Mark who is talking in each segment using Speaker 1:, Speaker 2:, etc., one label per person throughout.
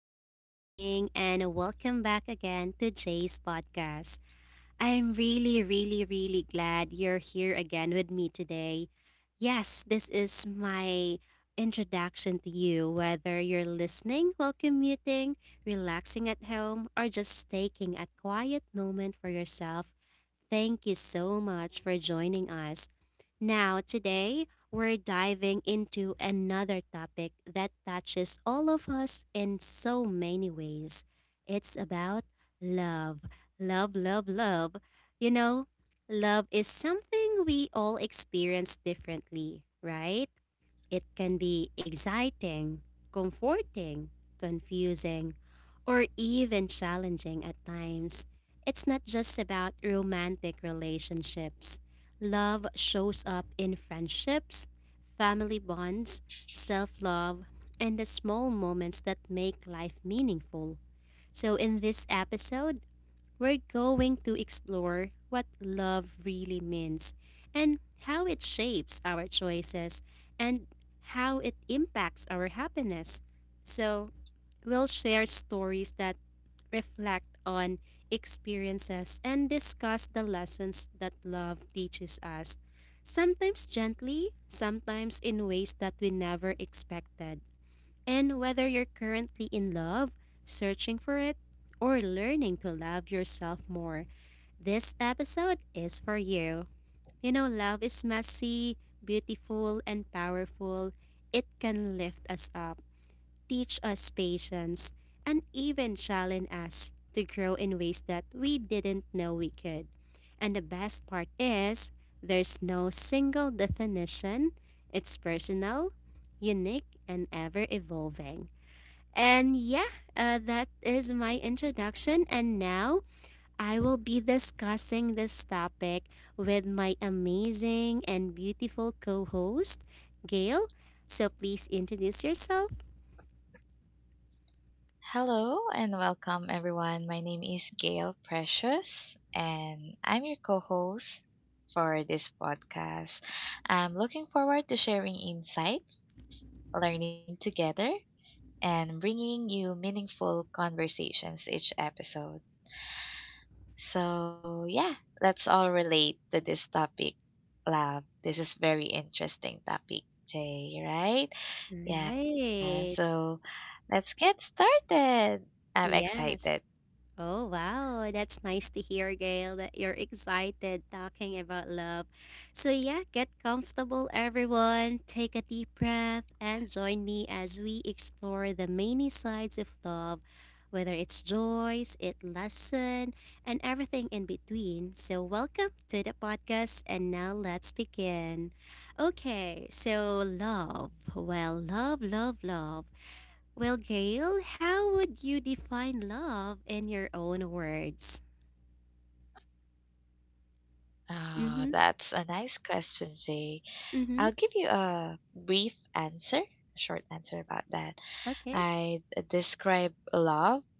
Speaker 1: Good evening, and welcome back again to Jay's podcast. I'm really, really, really glad you're here again with me today. Yes, this is my introduction to you, whether you're listening while commuting, relaxing at home, or just taking a quiet moment for yourself. Thank you so much for joining us. Now, today, we're diving into another topic that touches all of us in so many ways. It's about love. Love, love, love. You know, love is something we all experience differently, right? It can be exciting, comforting, confusing, or even challenging at times. It's not just about romantic relationships. Love shows up in friendships, family bonds, self love, and the small moments that make life meaningful. So, in this episode, we're going to explore what love really means and how it shapes our choices and how it impacts our happiness. So, we'll share stories that reflect on experiences and discuss the lessons that love teaches us, sometimes gently, sometimes in ways that we never expected. And whether you're currently in love, searching for it, or learning to love yourself more, this episode is for you. Love is messy, beautiful, and powerful. It can lift us up, teach us patience, and even challenge us to grow in ways that we didn't know we could. And the best part is, there's no single definition, it's personal, unique, and ever evolving. And yeah, that is my introduction. And now I will be discussing this topic with my amazing and beautiful co host, Gail. So please introduce yourself.
Speaker 2: Hello and welcome, everyone. My name is Gail Precious, and I'm your co host for this podcast. I'm looking forward to sharing insights, learning together, and bringing you meaningful conversations each episode. So, yeah, let's all relate to this topic, love. This is very interesting topic, Jay, right? Yeah,
Speaker 1: Right.
Speaker 2: so let's get started. I'm
Speaker 1: Yes.
Speaker 2: excited.
Speaker 1: Oh, wow. That's nice to hear, Gail, that you're excited talking about love. So, yeah, get comfortable, everyone. Take a deep breath and join me as we explore the many sides of love, whether it's joys, it lesson, and everything in between. So, welcome to the podcast, and now let's begin. Okay, so love. Well, love, love, love. Well, Gail, how would you define love in your own words? Mm-hmm.
Speaker 2: That's a nice question, Jay. I'll
Speaker 1: Mm-hmm.
Speaker 2: give you a brief answer, a short answer about that.
Speaker 1: Okay.
Speaker 2: I describe love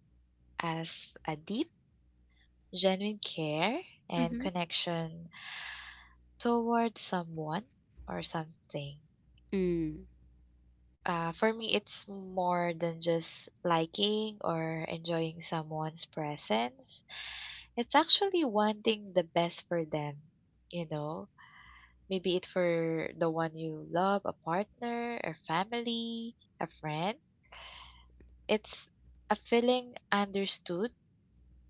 Speaker 2: as a deep, genuine care and
Speaker 1: Mm-hmm.
Speaker 2: connection toward someone or something.
Speaker 1: Mm.
Speaker 2: For me, it's more than just liking or enjoying someone's presence. It's actually wanting the best for them, you know? Maybe it for the one you love, a partner, a family, a friend. It's a feeling understood,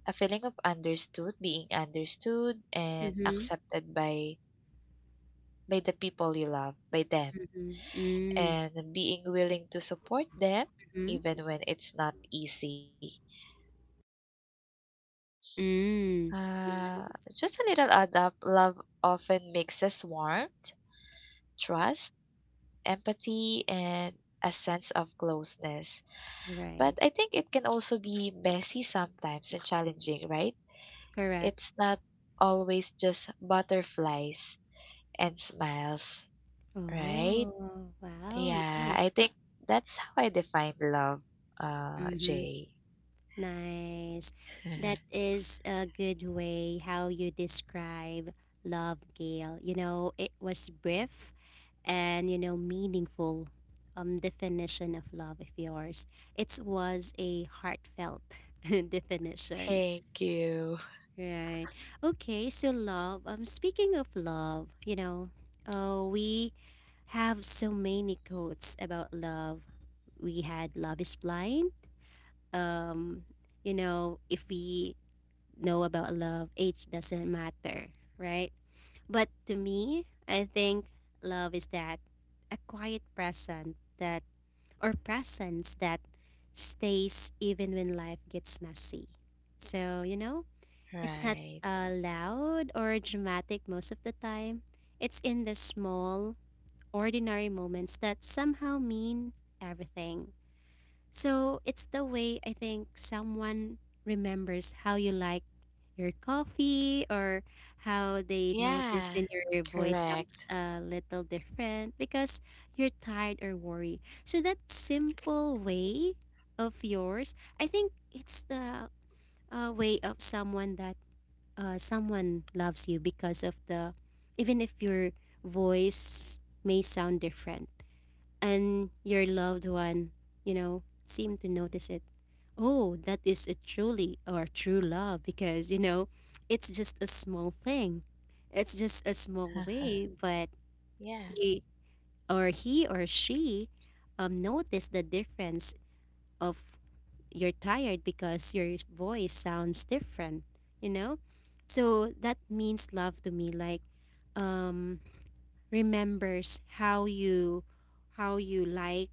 Speaker 2: a feeling of understood, being understood and
Speaker 1: Mm-hmm.
Speaker 2: accepted by the people you love, by them,
Speaker 1: Mm-hmm. Mm.
Speaker 2: and being willing to support them
Speaker 1: Mm-hmm.
Speaker 2: even when it's not easy. Uh, just a
Speaker 1: Mm.
Speaker 2: little add up.
Speaker 1: Nice.
Speaker 2: Love often mixes warmth, trust, empathy, and a sense of closeness. But I
Speaker 1: Right.
Speaker 2: think it can also be messy sometimes and challenging, right?
Speaker 1: Correct.
Speaker 2: It's not always just butterflies and smiles, right?
Speaker 1: Oh, wow.
Speaker 2: Yeah, I
Speaker 1: Nice.
Speaker 2: think that's how I define love,
Speaker 1: Mm-hmm.
Speaker 2: Jay.
Speaker 1: Nice. That is a good way how you describe love, Gail. It was brief and meaningful definition of love of yours. It was a heartfelt definition,
Speaker 2: Thank you.
Speaker 1: right? Okay, so love. Speaking of love, oh, we have so many quotes about love. We had "Love is blind." Um, if we know about love, age doesn't matter, right? But to me, I think love is that a quiet present that or presence that stays even when life gets messy. So, it's not
Speaker 2: Right.
Speaker 1: loud or dramatic most of the time. It's in the small, ordinary moments that somehow mean everything. So it's the way I think someone remembers how you like your coffee or how they notice
Speaker 2: Yeah,
Speaker 1: when your voice
Speaker 2: correct.
Speaker 1: sounds a little different because you're tired or worried. So that simple way of yours, I think it's the way of someone that someone loves you because of the even if your voice may sound different and your loved one, seem to notice it. Oh, that is a truly or true love because, it's just a small thing. It's just a small way, but
Speaker 2: Yeah,
Speaker 1: he he or she notice the difference of you're tired because your voice sounds different, you know? So that means love to me like um remembers how you like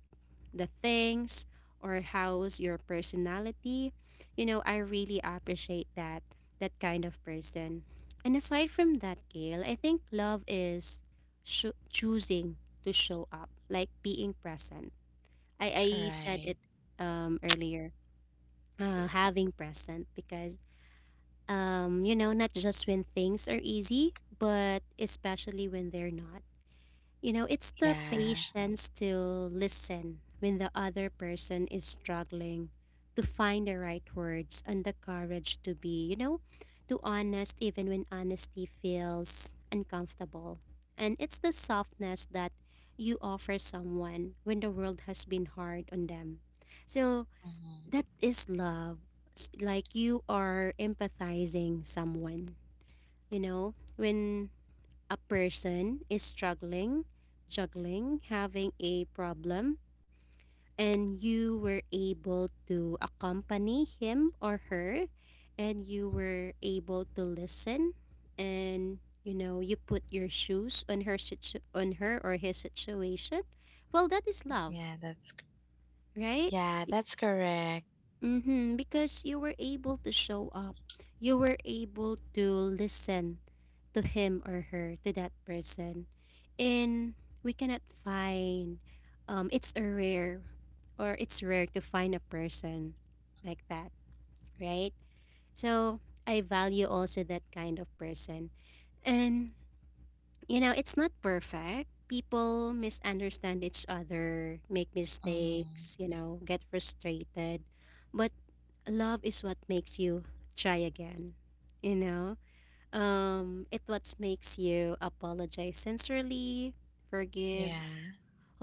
Speaker 1: the things or how's your personality. I really appreciate that kind of person. And aside from that, Gail, I think love is sho choosing to show up, like being present. I, I said
Speaker 2: right.
Speaker 1: it earlier, having present because not just when things are easy, but especially when they're not. It's the
Speaker 2: Yeah.
Speaker 1: patience to listen when the other person is struggling to find the right words and the courage to be, to honest even when honesty feels uncomfortable. And it's the softness that you offer someone when the world has been hard on them. So
Speaker 2: hmm
Speaker 1: that is love. Like you are empathizing someone, you know, when a person is struggling, juggling, having a problem, and you were able to accompany him or her, and you were able to listen, and you put your shoes on on her or his situation. Well, that is love,
Speaker 2: Yeah,
Speaker 1: right?
Speaker 2: yeah, that's correct.
Speaker 1: Mm-hmm, because you were able to show up. You were able to listen to him or her, to that person. And we cannot find, it's a rare, or it's rare to find a person like that, right? So I value also that kind of person. And, it's not perfect. People misunderstand each other, make
Speaker 2: hmm
Speaker 1: mistakes, get frustrated. But love is what makes you try again, you know it what makes you apologize sincerely, forgive
Speaker 2: Yeah.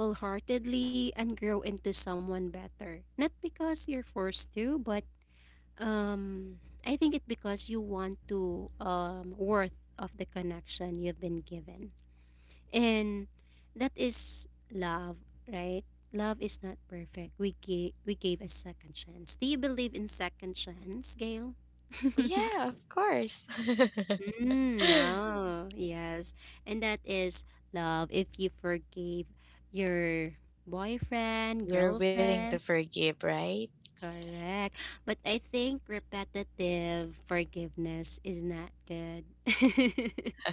Speaker 1: wholeheartedly, and grow into someone better not because you're forced to but um I think it because you want to worth of the connection you've been given. And that is love, right? Love is not perfect. We gave a second chance. Do you believe in second chance, Gail?
Speaker 2: Yeah, of course.
Speaker 1: Mm, no, yes. And that is love. If you forgave your boyfriend,
Speaker 2: You're willing to
Speaker 1: girlfriend,
Speaker 2: forgive, right?
Speaker 1: correct. But I think repetitive forgiveness is not good.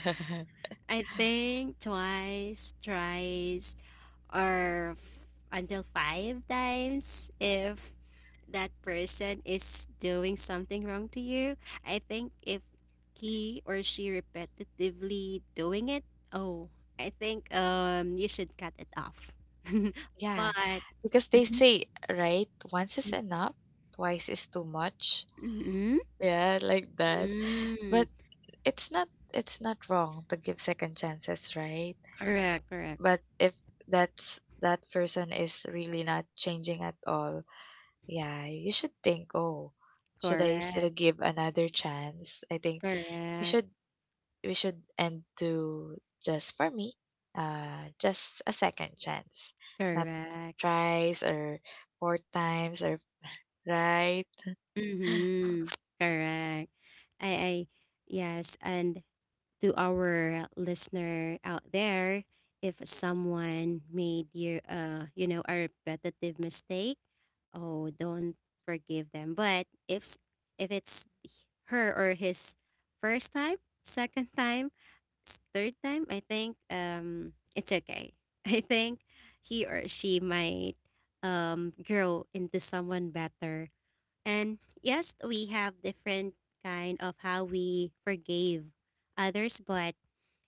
Speaker 1: I think twice, thrice, or until five times if that person is doing something wrong to you. I think if he or she repetitively doing it, oh, I think you should cut it off.
Speaker 2: Yeah,
Speaker 1: but
Speaker 2: because they
Speaker 1: Mhm.
Speaker 2: say, right, once is enough, twice is too much.
Speaker 1: Mhm.
Speaker 2: Yeah, like that.
Speaker 1: Mm.
Speaker 2: But it's not it's not wrong to give second chances, right?
Speaker 1: Correct, correct,
Speaker 2: But if that's that person is really not changing at all, yeah, you should think, oh, should I
Speaker 1: correct,
Speaker 2: still give another chance? I think you
Speaker 1: correct,
Speaker 2: should we should end to just for me, just a second chance, not
Speaker 1: correct.
Speaker 2: tries or four times or right,
Speaker 1: Mm-hmm. Correct. I, I, yes, And to our listener out there, if someone made you you know a repetitive mistake, oh, don't forgive them. But if if it's her or his first time, second time, third time, I think it's okay. I think he or she might grow into someone better. And yes, we have different kind of how we forgave others, but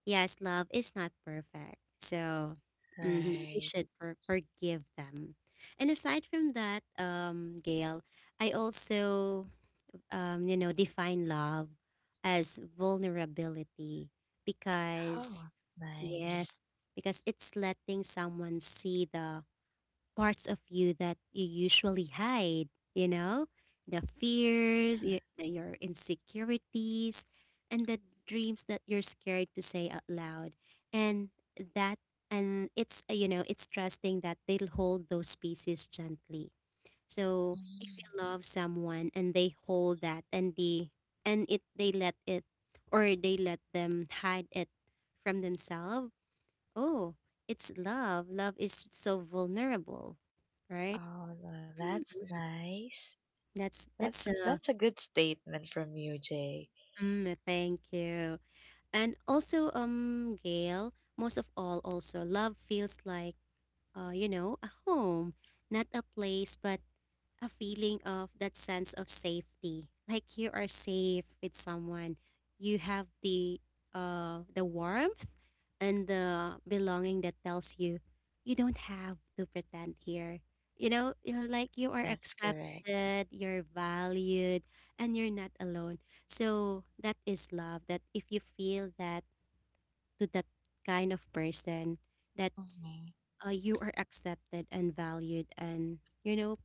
Speaker 1: yes, love is not perfect. So mhm, we
Speaker 2: right.
Speaker 1: should forgive them. And aside from that, Gail, I also, define love as vulnerability because,
Speaker 2: Oh, nice.
Speaker 1: yes, because it's letting someone see the parts of you that you usually hide, you know? The fears, your insecurities, and the dreams that you're scared to say out loud. And that and it's trusting that they'll hold those pieces gently. So if
Speaker 2: Mm.
Speaker 1: you love someone and they hold that and they and it they let it or they let them hide it from themselves, oh, it's love. Love is so vulnerable, right?
Speaker 2: Oh, no,
Speaker 1: Mm.
Speaker 2: that's nice.
Speaker 1: That's
Speaker 2: That's
Speaker 1: that's a.
Speaker 2: that's a good statement from you, Jay.
Speaker 1: Mm, thank you. And also, Gail, most of all, also love feels like a home, not a place, but a feeling of that sense of safety like you are safe with someone. You have the warmth and the belonging that tells you you don't have to pretend here, like you are
Speaker 2: That's correct.
Speaker 1: accepted, you're valued, and you're not alone. So that is love that if you feel that to that kind of person that
Speaker 2: hmm
Speaker 1: you are accepted and valued and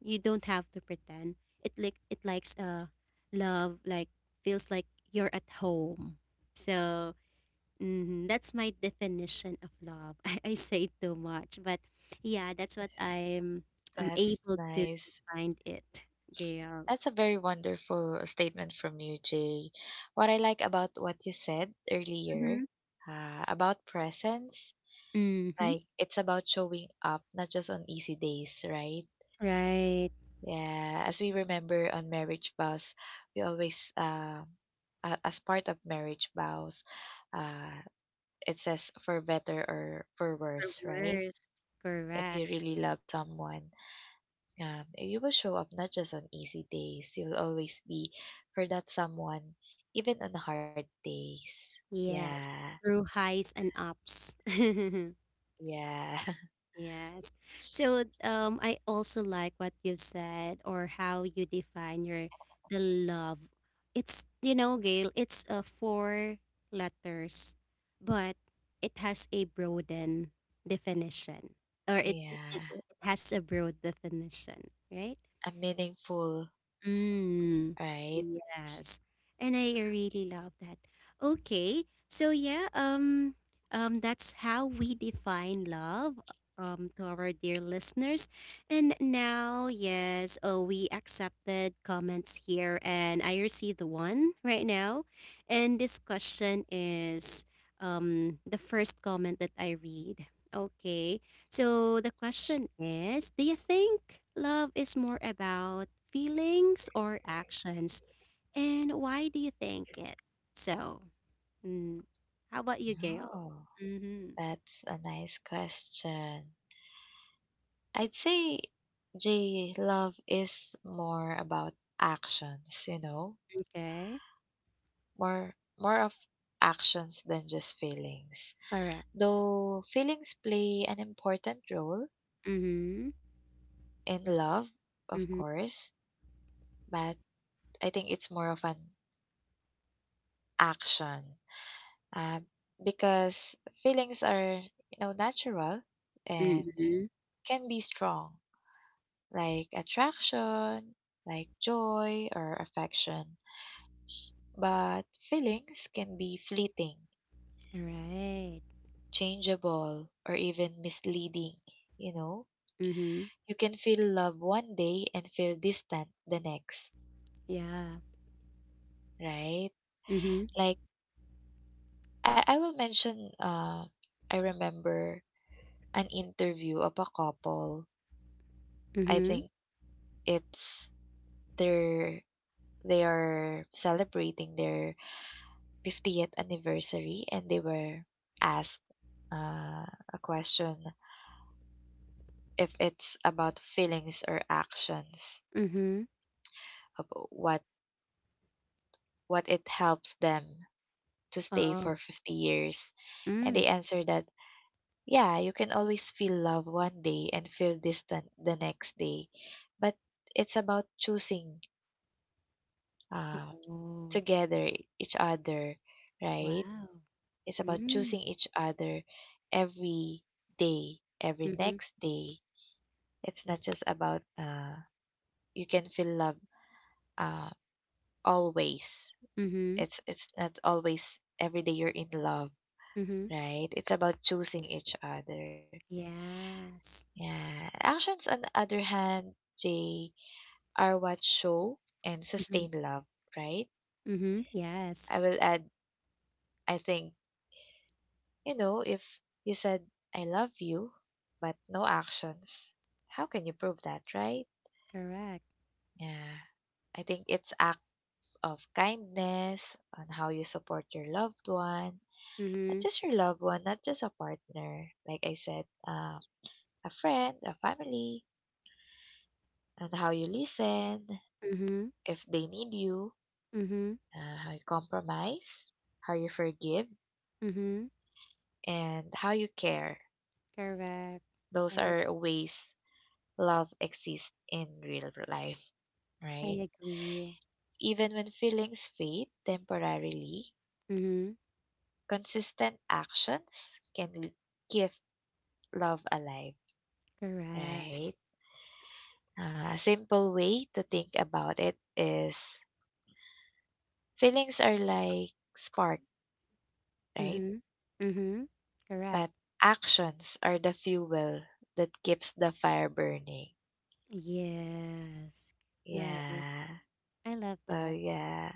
Speaker 1: you don't have to pretend it like it likes love like feels like you're at home. So, mhm, that's my definition of love. I say too much but yeah that's what I'm
Speaker 2: That's
Speaker 1: able to
Speaker 2: nice.
Speaker 1: define it, Gail.
Speaker 2: That's a very wonderful statement from you, Jay. What I like about what you said
Speaker 1: Mm-hmm.
Speaker 2: earlier about presence,
Speaker 1: Mm-hmm.
Speaker 2: like it's about showing up, not just on easy days, right?
Speaker 1: Right.
Speaker 2: Yeah, as we remember on Marriage Vows, we always, as part of Marriage Vows, uh, it says for better or for
Speaker 1: Or
Speaker 2: worse, right?
Speaker 1: worst.
Speaker 2: If you
Speaker 1: Correct.
Speaker 2: really love someone. You will show up not just on easy days. You'll always be for that someone, even on hard days.
Speaker 1: Yes,
Speaker 2: Yeah,
Speaker 1: through highs and ups.
Speaker 2: yeah,
Speaker 1: Yes. So, I also like what you've said or how you define your the love. It's, Gail, it's four letters, but it has a broaden definition. Or it, it
Speaker 2: yeah.
Speaker 1: it it has a broad definition, right?
Speaker 2: A meaningful,
Speaker 1: Mm,
Speaker 2: right?
Speaker 1: yes. And I really love that. Okay. So yeah, that's how we define love to our dear listeners. And now, yes, oh we accepted comments here and I received one right now. And this question is the first comment that I read. Okay. So the question is: Do you think love is more about feelings or actions? And why do you think it? So, mm, how about you, Gail?
Speaker 2: Oh,
Speaker 1: Mm-hmm.
Speaker 2: that's a nice question. I'd say, J, love is more about actions. You know,
Speaker 1: Okay.
Speaker 2: more of actions than just feelings.
Speaker 1: Correct.
Speaker 2: Though feelings play an important role
Speaker 1: Mm-hmm.
Speaker 2: in love, of
Speaker 1: Mm-hmm.
Speaker 2: course, but I think it's more of an action, uh, because feelings are, you know, natural and
Speaker 1: Mm-hmm.
Speaker 2: can be strong, like attraction, like joy or affection. But feelings can be fleeting,
Speaker 1: All right.
Speaker 2: changeable, or even misleading, you know?
Speaker 1: Mm-hmm.
Speaker 2: You can feel love one day and feel distant the next,
Speaker 1: Yeah.
Speaker 2: right?
Speaker 1: Mm-hmm.
Speaker 2: Like I will mention I remember an interview of a couple. I
Speaker 1: Mm-hmm.
Speaker 2: think it's their they are celebrating their 50th anniversary and they were asked, uh, a question if it's about feelings or actions
Speaker 1: Mm-hmm.
Speaker 2: of what it helps them to stay
Speaker 1: Oh.
Speaker 2: for 50 years, and
Speaker 1: Mm.
Speaker 2: they answered that yeah, you can always feel love one day and feel distant the next day. But it's about choosing, uh,
Speaker 1: Oh.
Speaker 2: together each other, right?
Speaker 1: Wow.
Speaker 2: It's about
Speaker 1: Mm.
Speaker 2: choosing each other every day, every
Speaker 1: Mm-hmm.
Speaker 2: next day. It's not just about, you can feel love, uh, always.
Speaker 1: Mm-hmm.
Speaker 2: It's not always every day you're in love,
Speaker 1: Mm-hmm.
Speaker 2: right? It's about choosing each other.
Speaker 1: Yes.
Speaker 2: Yeah. Actions on the other hand, Jay, are what show and sustain love, right?
Speaker 1: Mm-hmm. Yes.
Speaker 2: I will add, I think, you know, if you said, I love you, but no actions, how can you prove that, right?
Speaker 1: Correct.
Speaker 2: Yeah. I think it's acts of kindness on how you support your loved one,
Speaker 1: Mm-hmm.
Speaker 2: not just your loved one, not just a partner. Like I said, a friend, a family, and how you listen,
Speaker 1: Mm-hmm.
Speaker 2: if they need you,
Speaker 1: Mm-hmm.
Speaker 2: how you compromise, how you forgive
Speaker 1: Mm-hmm.
Speaker 2: and how you care.
Speaker 1: Correct.
Speaker 2: Those
Speaker 1: I
Speaker 2: are ways love exists in real life, right?
Speaker 1: I agree.
Speaker 2: Even when feelings fade temporarily,
Speaker 1: Mm-hmm.
Speaker 2: consistent actions can keep love alive,
Speaker 1: Correct.
Speaker 2: right? A simple way to think about it is feelings are like spark, right?
Speaker 1: Mm-hmm. Mm-hmm. Correct.
Speaker 2: But actions are the fuel that keeps the fire burning.
Speaker 1: Yes. Nice.
Speaker 2: Yeah.
Speaker 1: I love
Speaker 2: So
Speaker 1: that.
Speaker 2: yeah.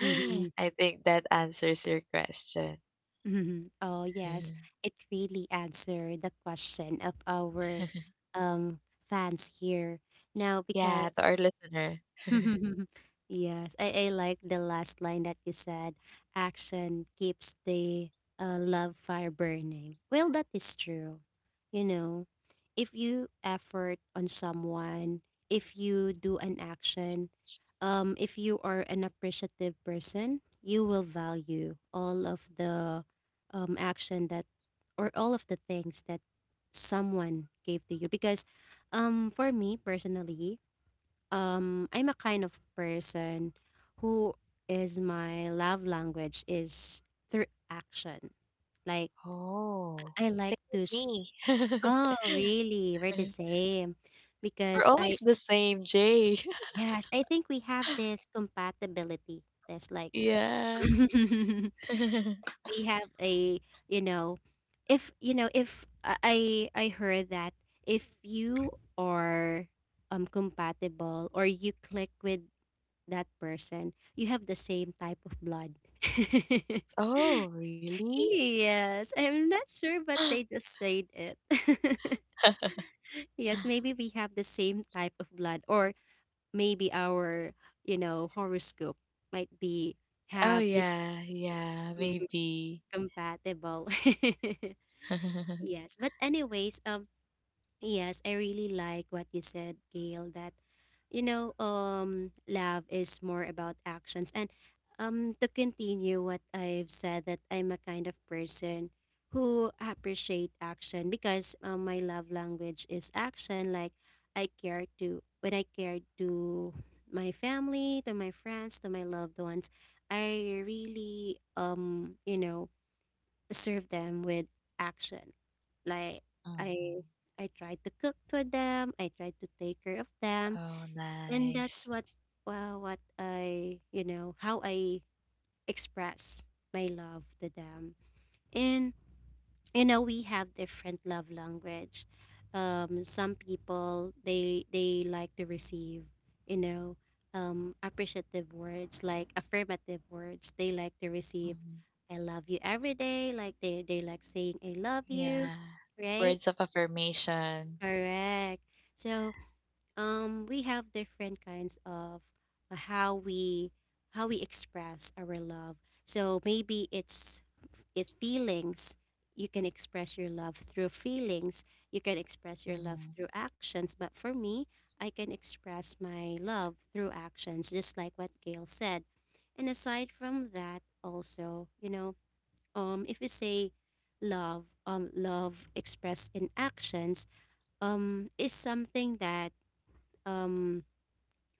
Speaker 1: Mm-hmm.
Speaker 2: I think that answers your question.
Speaker 1: Mm-hmm. Oh yes.
Speaker 2: Mm.
Speaker 1: It really answered the question of our um fans here. Now
Speaker 2: Yeah, to
Speaker 1: because
Speaker 2: our listener.
Speaker 1: Yes, I like the last line that you said. Action keeps the love fire burning. Well, that is true. You know, if you effort on someone, if you do an action, if you are an appreciative person, you will value all of the action that, or all of the things that someone gave to you. Because for me personally, I'm a kind of person who is my love language is through action. Like
Speaker 2: Oh,
Speaker 1: I like
Speaker 2: same with
Speaker 1: to
Speaker 2: me.
Speaker 1: Oh, really? We're the same.
Speaker 2: We're
Speaker 1: Because
Speaker 2: always
Speaker 1: I
Speaker 2: the same, Jay.
Speaker 1: yes, I think we have this compatibility. That's like
Speaker 2: Yeah.
Speaker 1: we have a, you know, if you know, if I heard that if you are compatible or you click with that person, you have the same type of blood.
Speaker 2: Oh, really?
Speaker 1: Yes, I'm not sure, but they just said it. Yes, maybe we have the same type of blood, or maybe our, horoscope might be
Speaker 2: Oh
Speaker 1: have this
Speaker 2: yeah, yeah,
Speaker 1: mm,
Speaker 2: maybe.
Speaker 1: compatible. Yes, but anyways, yes, I really like what you said, Gail, that love is more about actions. And to continue what I've said, that I'm a kind of person who appreciate action because my love language is action. Like I care to when I care to my family, to my friends, to my loved ones. I really serve them with action. Like I
Speaker 2: Mhm.
Speaker 1: I tried to cook for them, I tried to take care of them,
Speaker 2: Oh,
Speaker 1: and
Speaker 2: nice.
Speaker 1: that's what well what I you know how I express my love to them. And you know we have different love language, some people they like to receive, you know appreciative words, like affirmative words they like to receive
Speaker 2: Mhm.
Speaker 1: I love you every day, like they like saying I love you,
Speaker 2: Yeah.
Speaker 1: right?
Speaker 2: Words of affirmation.
Speaker 1: Correct. So we have different kinds of uh, how we how we express our love. So maybe it's if feelings you can express your love through feelings, you can express your love
Speaker 2: hmm
Speaker 1: through actions, but for me, I can express my love through actions just like what Gail said. And aside from that, also if you say love, love expressed in actions is something that um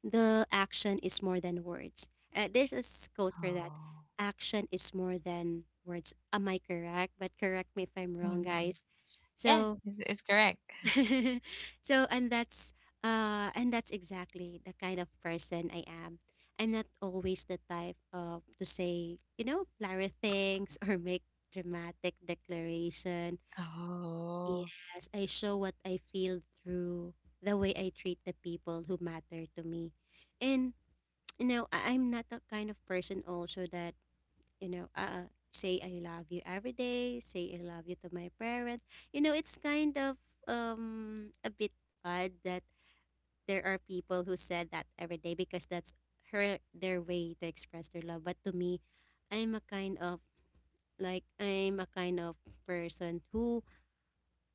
Speaker 1: the action is more than words. There's a quote for that.
Speaker 2: Oh.
Speaker 1: Action is more than words. Am I correct? But correct me if I'm wrong,
Speaker 2: Mhm.
Speaker 1: guys.
Speaker 2: Yeah,
Speaker 1: So,
Speaker 2: it's correct.
Speaker 1: so and that's exactly the kind of person I am. I'm not always the type of to say flowery things or make dramatic declaration.
Speaker 2: Oh,
Speaker 1: Yes, I show what I feel through the way I treat the people who matter to me. And I'm not the kind of person also that, say I love you every day, say I love you to my parents. It's kind of a bit odd that there are people who said that every day because that's her their way to express their love. But to me, I'm a kind of like I'm a kind of person who,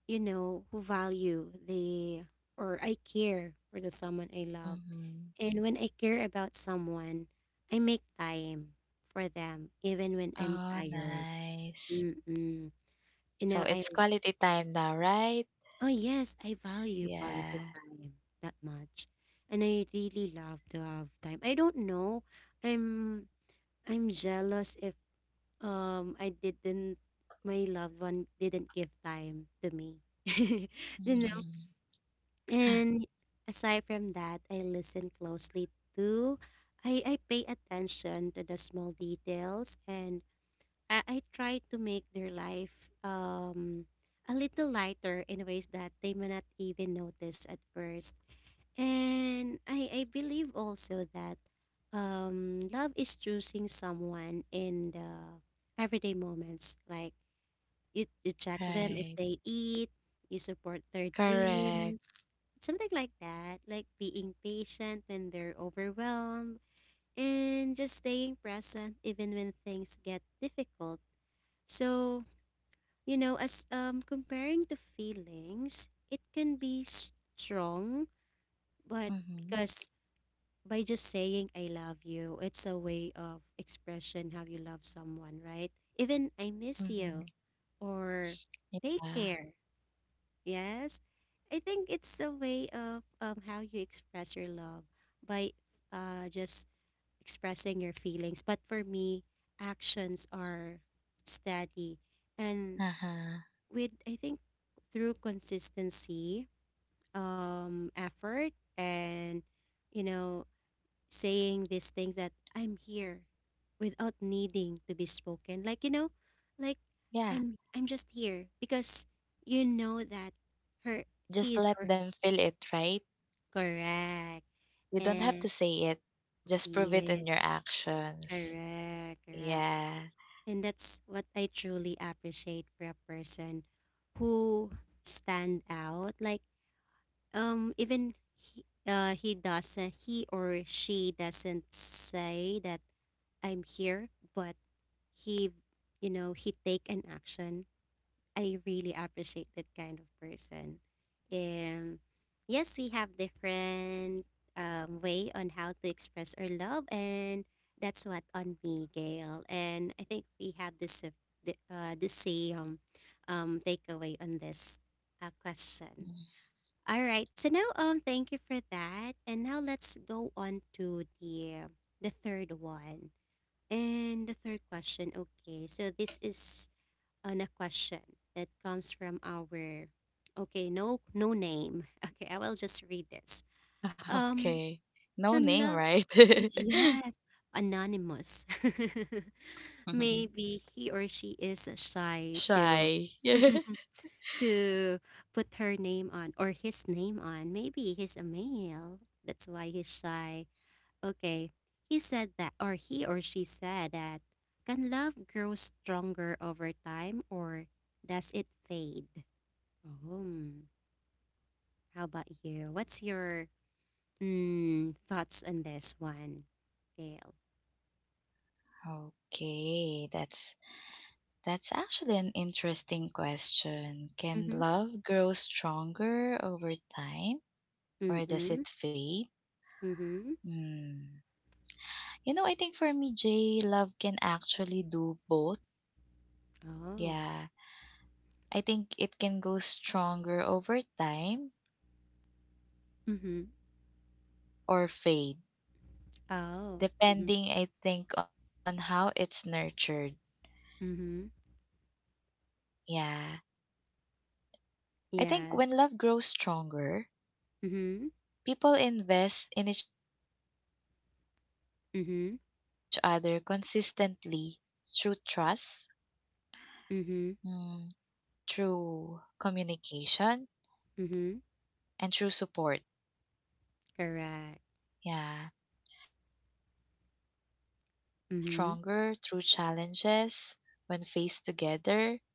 Speaker 1: who value the or I care for the someone I love.
Speaker 2: mhm.
Speaker 1: And when I care about someone, I make time for them even when I'm
Speaker 2: Oh,
Speaker 1: tired.
Speaker 2: nice.
Speaker 1: Mm-mm. You know,
Speaker 2: So
Speaker 1: I
Speaker 2: it's quality time now, right?
Speaker 1: oh yes, I value quality
Speaker 2: Yeah.
Speaker 1: time that much. And I really love to have time. I don't know. I'm I'm jealous if I didn't my loved one didn't give time to me. you know?
Speaker 2: Okay. Mm,
Speaker 1: And aside from that, I listen closely to I pay attention to the small details, and I try to make their life a little lighter in ways that they may not even notice at first. And I believe also that love is choosing someone in the everyday moments. Like you check them if
Speaker 2: right.
Speaker 1: they eat, you support their
Speaker 2: Correct.
Speaker 1: dreams. Something like that, like being patient when they're overwhelmed and just staying present even when things get difficult. So, as comparing to feelings, it can be strong, but
Speaker 2: Mm-hmm.
Speaker 1: because by just saying I love you, it's a way of expression how you love someone, right? Even I miss you
Speaker 2: Mm-hmm.
Speaker 1: or take
Speaker 2: Yeah.
Speaker 1: care. Yes. I think it's a way of how you express your love by just expressing your feelings. But for me, actions are steady. And
Speaker 2: Uh-huh.
Speaker 1: with, I think, through consistency, effort, and, you know, saying these things that I'm here without needing to be spoken. Like, like
Speaker 2: Yeah.
Speaker 1: I'm just here because you know that her
Speaker 2: Just
Speaker 1: he's
Speaker 2: let
Speaker 1: or.
Speaker 2: them feel it, right?
Speaker 1: Correct.
Speaker 2: You don't have
Speaker 1: And
Speaker 2: to say it. Just prove it in your
Speaker 1: yes,
Speaker 2: actions.
Speaker 1: correct, correct.
Speaker 2: Yeah.
Speaker 1: And that's what I truly appreciate for a person who stand out. Like even he or she doesn't say that I'm here, but he he take an action. I really appreciate that kind of person. Um, yes, we have different way on how to express our love, and that's what on me, Gail. And I think we have this the same takeaway on this question.
Speaker 2: Mm.
Speaker 1: All right, so now thank you for that, and now let's go on to the third one and the third question. Okay, so this is on a question that comes from our okay, no no name. Okay, I will just read this. Um
Speaker 2: Okay. No
Speaker 1: can
Speaker 2: name,
Speaker 1: love.
Speaker 2: right?
Speaker 1: Yes, anonymous. Maybe he or she is shy to
Speaker 2: Shy.
Speaker 1: to put her name on or his name on. Maybe he's a male. That's why he's shy. Okay. He or she said that, can love grow stronger over time or does it fade? Oh, how about you? What's your thoughts on this one, Gail?
Speaker 2: Okay, that's actually an interesting question. Can
Speaker 1: Mm-hmm.
Speaker 2: love grow stronger over time or does
Speaker 1: Mm-mm.
Speaker 2: it fade?
Speaker 1: Mm-hmm.
Speaker 2: Hmm. You know, I think for me, Jay, love can actually do both.
Speaker 1: Oh.
Speaker 2: Yeah. I think it can go stronger over time
Speaker 1: Mm-hmm.
Speaker 2: or fade,
Speaker 1: Oh. Mm-hmm.
Speaker 2: depending, I think, on how it's nurtured.
Speaker 1: Mm-hmm.
Speaker 2: Yeah. I think when love
Speaker 1: Yes.
Speaker 2: grows stronger,
Speaker 1: Mm-hmm.
Speaker 2: people invest in each other consistently through
Speaker 1: Mm-hmm.
Speaker 2: trust, mm,
Speaker 1: Mm-hmm.
Speaker 2: through communication, and through support.
Speaker 1: Mm-hmm.
Speaker 2: Yeah.
Speaker 1: Correct.
Speaker 2: And it also grows
Speaker 1: Mm-hmm.
Speaker 2: stronger through challenges when faced together,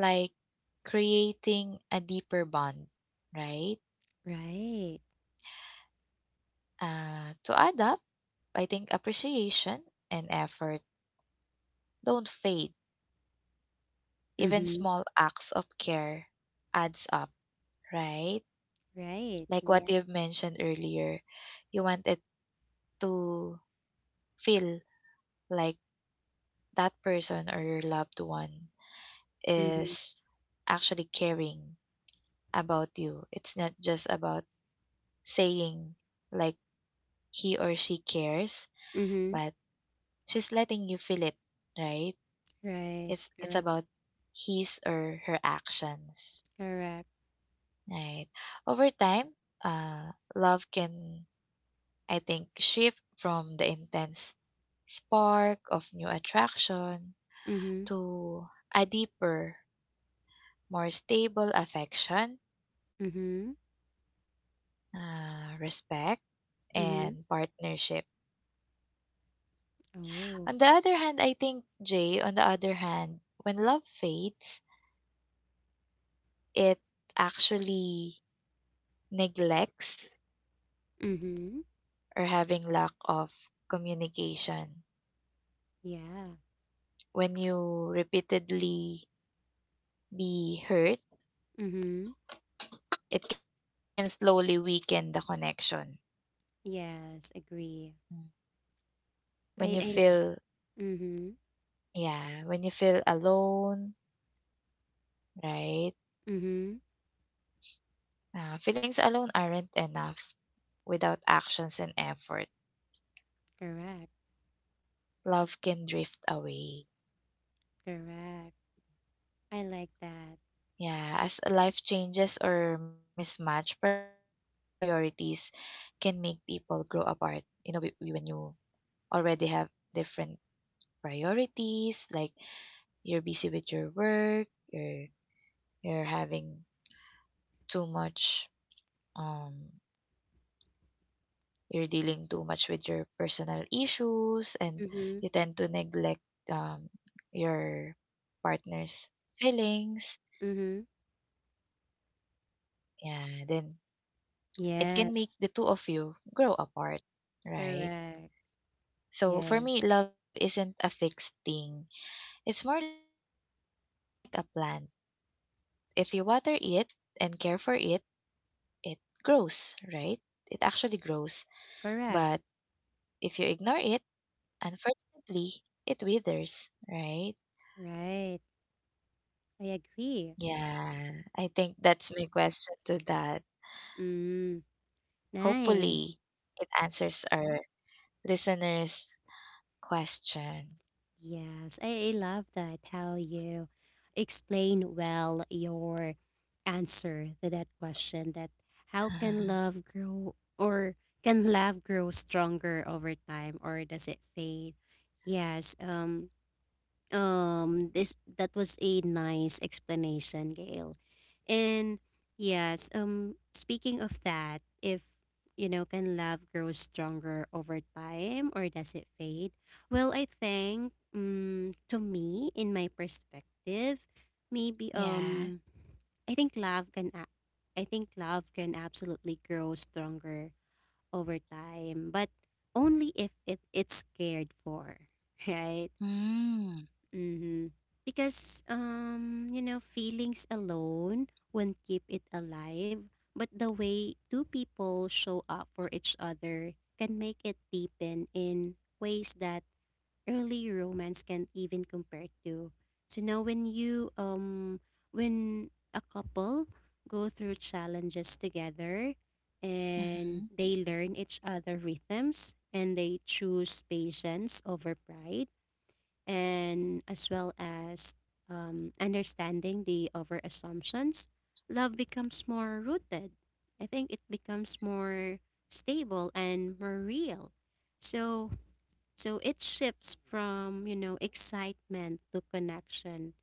Speaker 2: like creating a deeper bond, right?
Speaker 1: Right.
Speaker 2: To add up, I think appreciation and effort don't fade. Even
Speaker 1: Mm-hmm.
Speaker 2: small acts of care adds up, right?
Speaker 1: Right.
Speaker 2: Like what
Speaker 1: Yeah.
Speaker 2: you've mentioned earlier, you wanted to feel like that person or your loved one
Speaker 1: Mm-hmm.
Speaker 2: is actually caring about you. It's not just about saying like he or she cares,
Speaker 1: Mm-hmm.
Speaker 2: but she's letting you feel it, right?
Speaker 1: Right.
Speaker 2: It's
Speaker 1: Correct.
Speaker 2: about his or her actions,
Speaker 1: Correct.
Speaker 2: right? Over time, love can I think shift from the intense spark of new attraction
Speaker 1: Mm-hmm.
Speaker 2: to a deeper, more stable affection,
Speaker 1: Mm-hmm.
Speaker 2: respect,
Speaker 1: Mm-hmm.
Speaker 2: and partnership.
Speaker 1: Oh.
Speaker 2: On the other hand, I think, Jay, on the other hand, when love fades, it actually neglects
Speaker 1: Mm-hmm.
Speaker 2: or having lack of communication.
Speaker 1: Yeah.
Speaker 2: When you repeatedly be hurt,
Speaker 1: Mm-hmm.
Speaker 2: it can slowly weaken the connection.
Speaker 1: Yes, agree.
Speaker 2: Mm. When you
Speaker 1: I
Speaker 2: feel
Speaker 1: mm-hmm.
Speaker 2: Yeah, when you feel alone, right?
Speaker 1: Mm-hmm.
Speaker 2: Feelings alone aren't enough without actions and effort.
Speaker 1: Correct.
Speaker 2: Love can drift away.
Speaker 1: Correct. I like that.
Speaker 2: Yeah, as life changes or mismatch priorities can make people grow apart. You know, when you already have different priorities, like you're busy with your work, you're you're having too much um you're dealing too much with your personal issues and
Speaker 1: Mm-hmm.
Speaker 2: you tend to neglect um, your partner's feelings.
Speaker 1: Mm-hmm.
Speaker 2: Yeah, then it can make the two of you grow
Speaker 1: Yes.
Speaker 2: apart, right? So for
Speaker 1: Correct.
Speaker 2: me, love isn't a fixed
Speaker 1: Yes.
Speaker 2: thing. It's more like a plant. If you water it and care for it, it grows, right? It actually grows. But if you ignore it,
Speaker 1: Correct.
Speaker 2: unfortunately, it withers, right?
Speaker 1: Right.
Speaker 2: Yeah, I
Speaker 1: I
Speaker 2: think that's
Speaker 1: agree.
Speaker 2: my question to that. Hopefully,
Speaker 1: Mm.
Speaker 2: it answers
Speaker 1: Nice.
Speaker 2: our listeners' question.
Speaker 1: Yes, I love that how you explain well your answer to that question that how can love grow or can love grow stronger over time or does it fade? Yes, this that was a nice explanation, Gail. And yes, speaking of that, if you know, can love grow stronger over time or does it fade? Well, I think to me, in my perspective, maybe
Speaker 2: Yeah.
Speaker 1: i think love can a- I think love can absolutely grow stronger over time, but only if it's cared for. Right.
Speaker 2: Mm.
Speaker 1: Mm-hmm. Because feelings alone won't keep it alive, but the way two people show up for each other can make it deepen in ways that early romance can't even compare to. So now when you when a couple go through challenges together, and
Speaker 2: Mm-hmm.
Speaker 1: they learn each other rhythms, and they choose patience over pride, and as well as understanding the over assumptions, love becomes more rooted. I think it becomes more stable and more real. So it shifts from excitement to connection,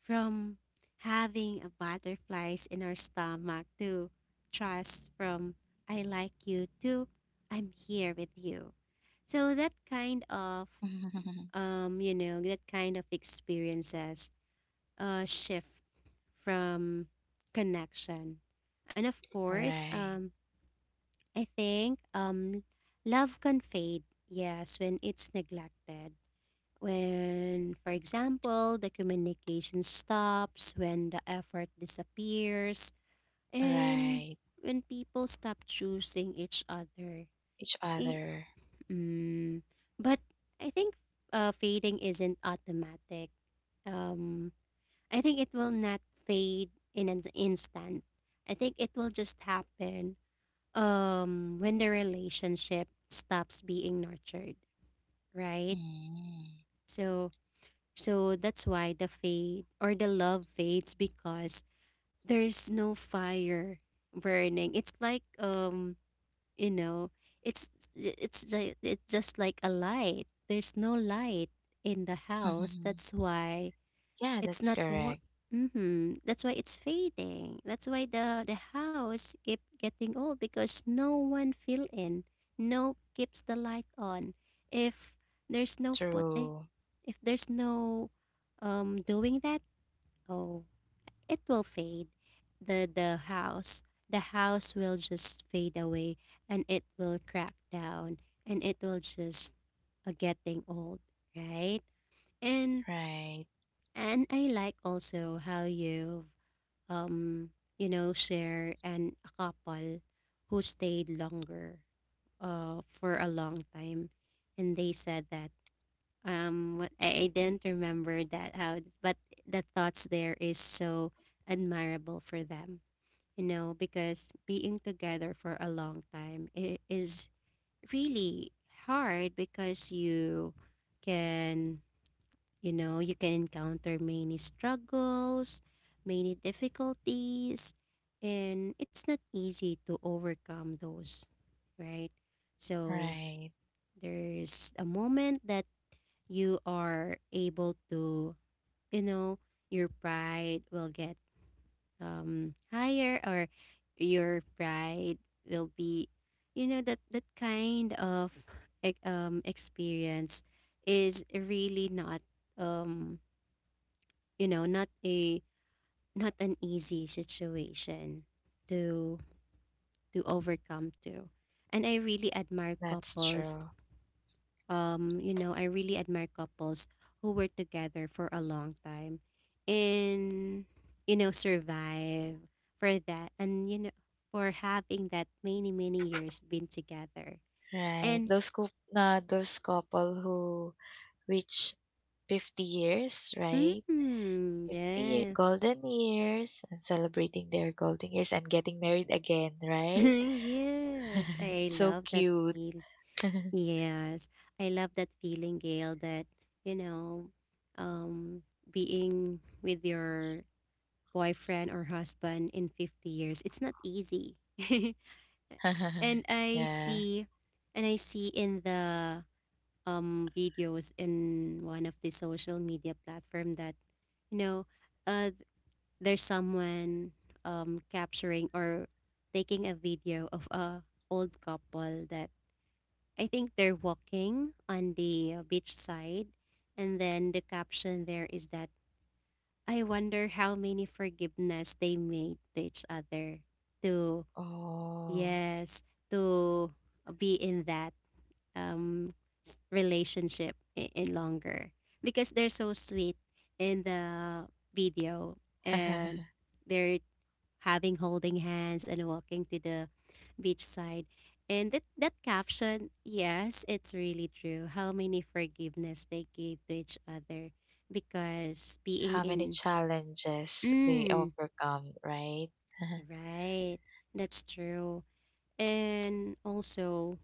Speaker 1: from having a butterflies in our stomach to trust, from I like you to I'm here with you. So that kind of you know, that kind of experiences shift from connection. And of course,
Speaker 2: right.
Speaker 1: I think love can fade, yes, when it's neglected. When, for example, the communication stops, when the effort disappears, and
Speaker 2: Right.
Speaker 1: when people stop choosing each other.
Speaker 2: Each other.
Speaker 1: Mm, but I think fading isn't automatic. Um, I think it will not fade in an instant. I think it will just happen when the relationship stops being nurtured, right?
Speaker 2: Mm.
Speaker 1: So, that's why the fade or the love fades, because there's no fire burning. It's like you know it's it's just like a light, there's no light in the house, that's why
Speaker 2: yeah,
Speaker 1: it's
Speaker 2: that's
Speaker 1: not
Speaker 2: correct.
Speaker 1: mm-hmm. That's why it's fading, that's why the house keep getting old because no one fill in, no keeps the light on. If there's no putting,
Speaker 2: True.
Speaker 1: if there's no doing that. Oh, it will fade. The the house the house will just fade away, and it will crack down, and it will just getting old, right? And
Speaker 2: Right.
Speaker 1: and I like also how you've um share and a couple who stayed longer for a long time, and they said that what I didn't remember that how, but the thoughts there is so admirable for them. Because being together for a long time is really hard because can, you can encounter many struggles, many difficulties, and it's not easy to overcome those, right? So
Speaker 2: Right.
Speaker 1: there's a moment that you are able to, you know, your pride will get higher, or your pride will be, that that kind of experience is really not um not a not an easy situation to overcome to. And I really admire
Speaker 2: That's
Speaker 1: couples
Speaker 2: true.
Speaker 1: um, you know, I really admire couples who were together for a long time and, survive for that and, for having that many, many years been together.
Speaker 2: Right.
Speaker 1: And,
Speaker 2: Uh, those couple who reach 50 years, right?
Speaker 1: mm,
Speaker 2: 50-year
Speaker 1: yeah.
Speaker 2: golden years, and celebrating their golden years and getting married again, right?
Speaker 1: Yes, I
Speaker 2: It's so
Speaker 1: love that
Speaker 2: cute.
Speaker 1: feel. Yes, I love that feeling, Gail, that, you know, um, being with your boyfriend or husband in 50 years. It's not easy. and I
Speaker 2: Yeah.
Speaker 1: see and I see in the videos in one of the social media platform that you know uh th- there's someone capturing or taking a video of a old couple that I think they're walking on the beach side, and then the caption there is that I wonder how many forgiveness they made to each other. To
Speaker 2: Oh.
Speaker 1: Yes, to be in that um relationship in longer because they're so sweet in the video, and they're having holding hands and walking to the beachside. And that caption, yes, it's really true, how many forgiveness they gave to each other because being
Speaker 2: How many
Speaker 1: in
Speaker 2: challenges they
Speaker 1: mm,
Speaker 2: overcome, right?
Speaker 1: Right. That's true. And also,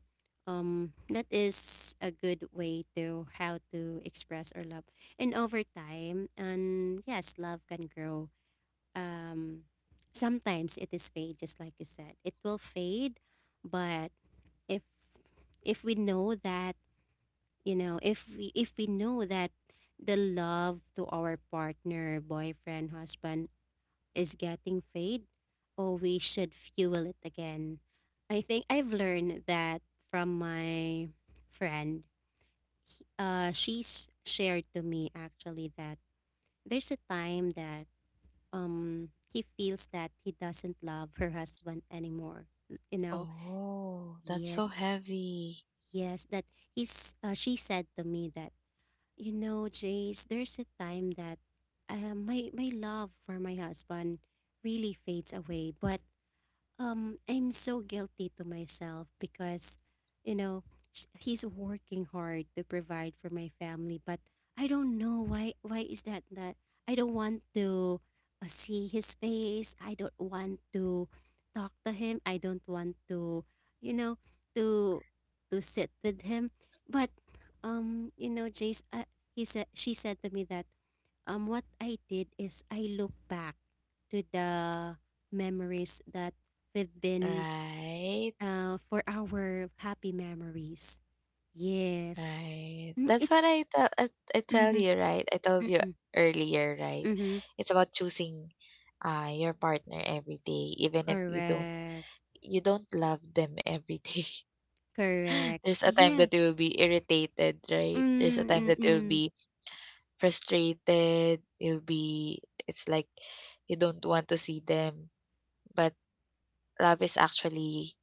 Speaker 1: that is a good way to how to express our love. And over time, and yes, love can grow. Um, Sometimes it is fade, just like you said. It will fade, but if if we know that, if we know that the love to our partner, boyfriend, husband, is getting fade, oh, we should fuel it again. I think I've learned that from my friend. She's shared to me actually that there's a time that he feels that he doesn't love her husband anymore. You know,
Speaker 2: Oh, that's so
Speaker 1: yes,
Speaker 2: heavy,
Speaker 1: yes, that he's. She said to me that, Jace, there's a time that, my love for my husband really fades away, but... I'm so guilty to myself because, you know, he's working hard to provide for my family. But I don't know why. Why is that? That I don't want to, see his face. I don't want to talk to him. I don't want you know, to to sit with him. But, Jace, he said she said to me that, what I did is I look back to the memories that we've been,
Speaker 2: right?
Speaker 1: for our happy memories. Yes.
Speaker 2: Right.
Speaker 1: Mm,
Speaker 2: That's
Speaker 1: it's.
Speaker 2: what I tell
Speaker 1: Mm-hmm,
Speaker 2: you, right? I told you
Speaker 1: mm-hmm,
Speaker 2: earlier, right?
Speaker 1: mm-hmm.
Speaker 2: It's about choosing your partner every day, even if you don't
Speaker 1: Correct.
Speaker 2: love them every day.
Speaker 1: Correct.
Speaker 2: There's a time that
Speaker 1: Yes.
Speaker 2: you'll be irritated, right? There's a time that you'll
Speaker 1: Mm-mm-mm.
Speaker 2: be frustrated. You'll be, it's like you don't want to see them. But love is actually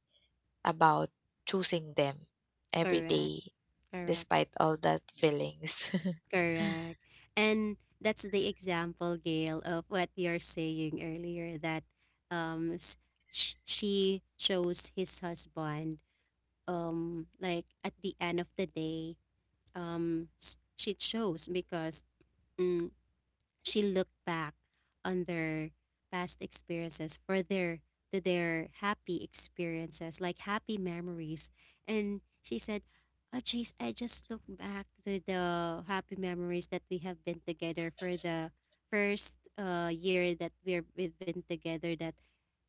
Speaker 2: about choosing them every
Speaker 1: Correct.
Speaker 2: day,
Speaker 1: Correct.
Speaker 2: despite all that feelings.
Speaker 1: Correct. And that's the example, Gail, of what you're saying earlier that, um, s- she chose his husband, like at the end of the day, shit shows because, mm, she looked back on their past experiences for their to their happy experiences, like happy memories. And she said, "Oh jeez, I just look back to the happy memories that we have been together for the first year that we've been together, that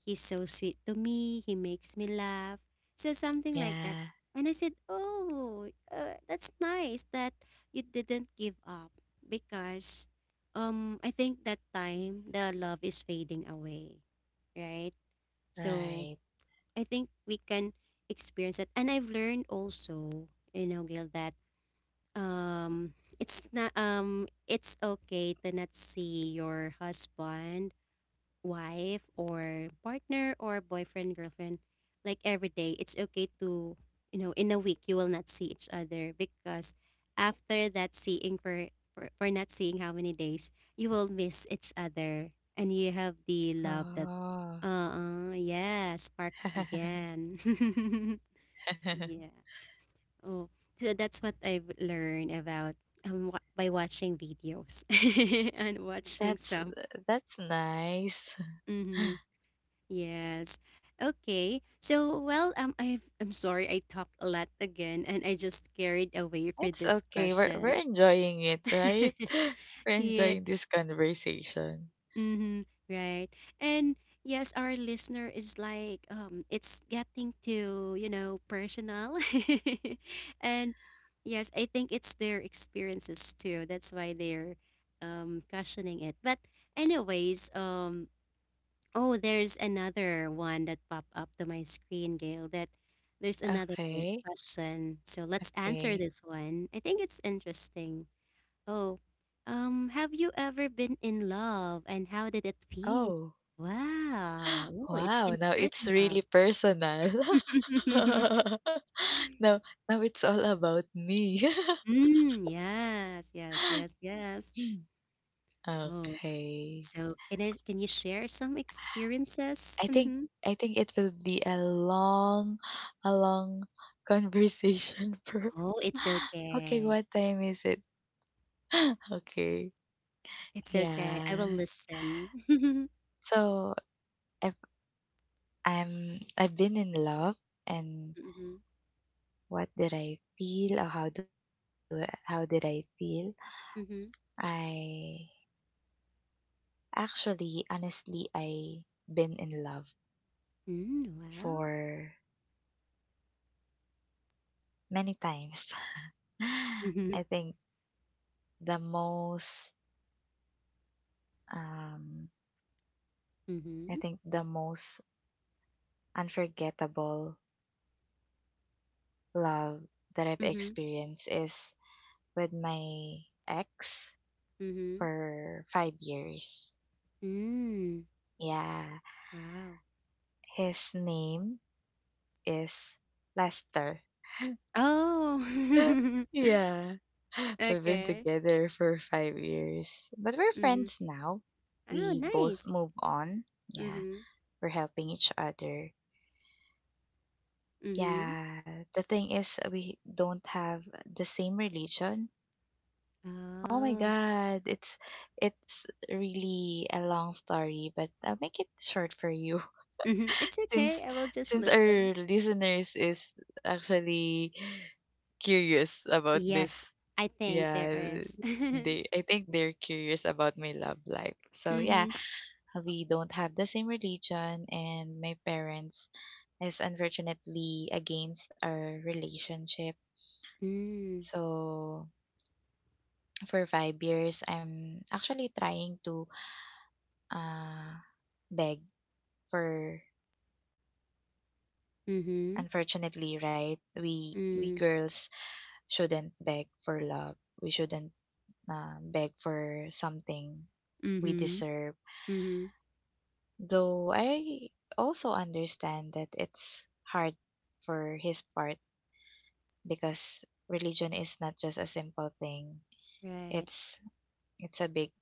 Speaker 1: he's so sweet to me, he makes me laugh." So something like that.
Speaker 2: yeah,
Speaker 1: And I said, "Oh, that's nice that you didn't give up because, I think that time the love is fading away, right? So
Speaker 2: right.
Speaker 1: I think we can experience that." And I've learned also, you know, Gail, that, it's okay to not see your husband, wife or partner or boyfriend, girlfriend, like every day. It's okay to, in a week you will not see each other, because after that seeing for not seeing how many days, you will miss each other and you have the love that,
Speaker 2: Oh,
Speaker 1: yeah, spark again. Yeah. Oh. So that's what I've learned about, by watching videos and watching
Speaker 2: that's
Speaker 1: some.
Speaker 2: that's nice.
Speaker 1: Mhm. Yes. Okay. So, well, I'm sorry I talked a lot again and I just carried away for
Speaker 2: It's
Speaker 1: this
Speaker 2: okay. We're
Speaker 1: question.
Speaker 2: enjoying it, right? We're
Speaker 1: Yeah.
Speaker 2: enjoying this conversation.
Speaker 1: Mm-hmm. Right. And yes, our listener is like, it's getting to, personal. And yes, I think it's their experiences too. That's why they're questioning it. But anyways, oh, there's another one that popped up to my screen, Gail, that there's another
Speaker 2: Okay.
Speaker 1: question. So let's answer
Speaker 2: Okay.
Speaker 1: this one. I think it's interesting. Oh, have you ever been in love and how did it feel?
Speaker 2: Oh.
Speaker 1: Wow. Oh, it
Speaker 2: Wow,
Speaker 1: seems
Speaker 2: now it's
Speaker 1: personal.
Speaker 2: really personal. now now it's all about me.
Speaker 1: Mm, yes, yes, yes, yes. Oh,
Speaker 2: okay.
Speaker 1: so can you share some experiences?
Speaker 2: I think
Speaker 1: Mm-hmm.
Speaker 2: I think it will be a long a long conversation for
Speaker 1: Oh, it's
Speaker 2: Okay,
Speaker 1: okay.
Speaker 2: what time is it? okay.
Speaker 1: It's okay. I
Speaker 2: Yeah.
Speaker 1: will listen.
Speaker 2: So if I've been in love and
Speaker 1: Mhm.
Speaker 2: what did I feel or how do I, how did I feel?
Speaker 1: Mhm.
Speaker 2: I actually honestly I been in love
Speaker 1: Mm, wow.
Speaker 2: for many times.
Speaker 1: Mhm.
Speaker 2: I think the most um I
Speaker 1: Mhm.
Speaker 2: think the most unforgettable love that I've
Speaker 1: Mhm.
Speaker 2: experienced is with my ex
Speaker 1: Mhm.
Speaker 2: for 5 years.
Speaker 1: Mm,
Speaker 2: Yeah,
Speaker 1: wow.
Speaker 2: his name is Lester.
Speaker 1: Oh.
Speaker 2: yeah. We've been
Speaker 1: Okay.
Speaker 2: together for 5 years. But we're
Speaker 1: Mhm.
Speaker 2: friends now.
Speaker 1: Oh,
Speaker 2: We both
Speaker 1: nice.
Speaker 2: move on. Yeah.
Speaker 1: Mhm.
Speaker 2: We're helping each other.
Speaker 1: Mhm.
Speaker 2: Yeah. The thing is we don't have the same religion. Oh my
Speaker 1: Oh.
Speaker 2: god. It's really a long story, but I'll make it short for you.
Speaker 1: Mhm. It's
Speaker 2: Since
Speaker 1: okay. I will just
Speaker 2: since
Speaker 1: listen.
Speaker 2: our listeners is actually curious about this.
Speaker 1: Yes, I think there
Speaker 2: Yeah,
Speaker 1: is. Mhm.
Speaker 2: they I think they're curious about my love life. So yeah, we don't have the same religion and my parents is unfortunately against our relationship.
Speaker 1: Mm.
Speaker 2: So for 5 years I'm actually trying to uh beg for,
Speaker 1: Mhm.
Speaker 2: unfortunately, right? We
Speaker 1: Mm.
Speaker 2: girls shouldn't beg for love. We shouldn't beg for something we
Speaker 1: Mhm.
Speaker 2: deserve.
Speaker 1: Mhm.
Speaker 2: Though I also understand that it's hard for his part because religion is not just a simple thing.
Speaker 1: Right.
Speaker 2: It's it's a big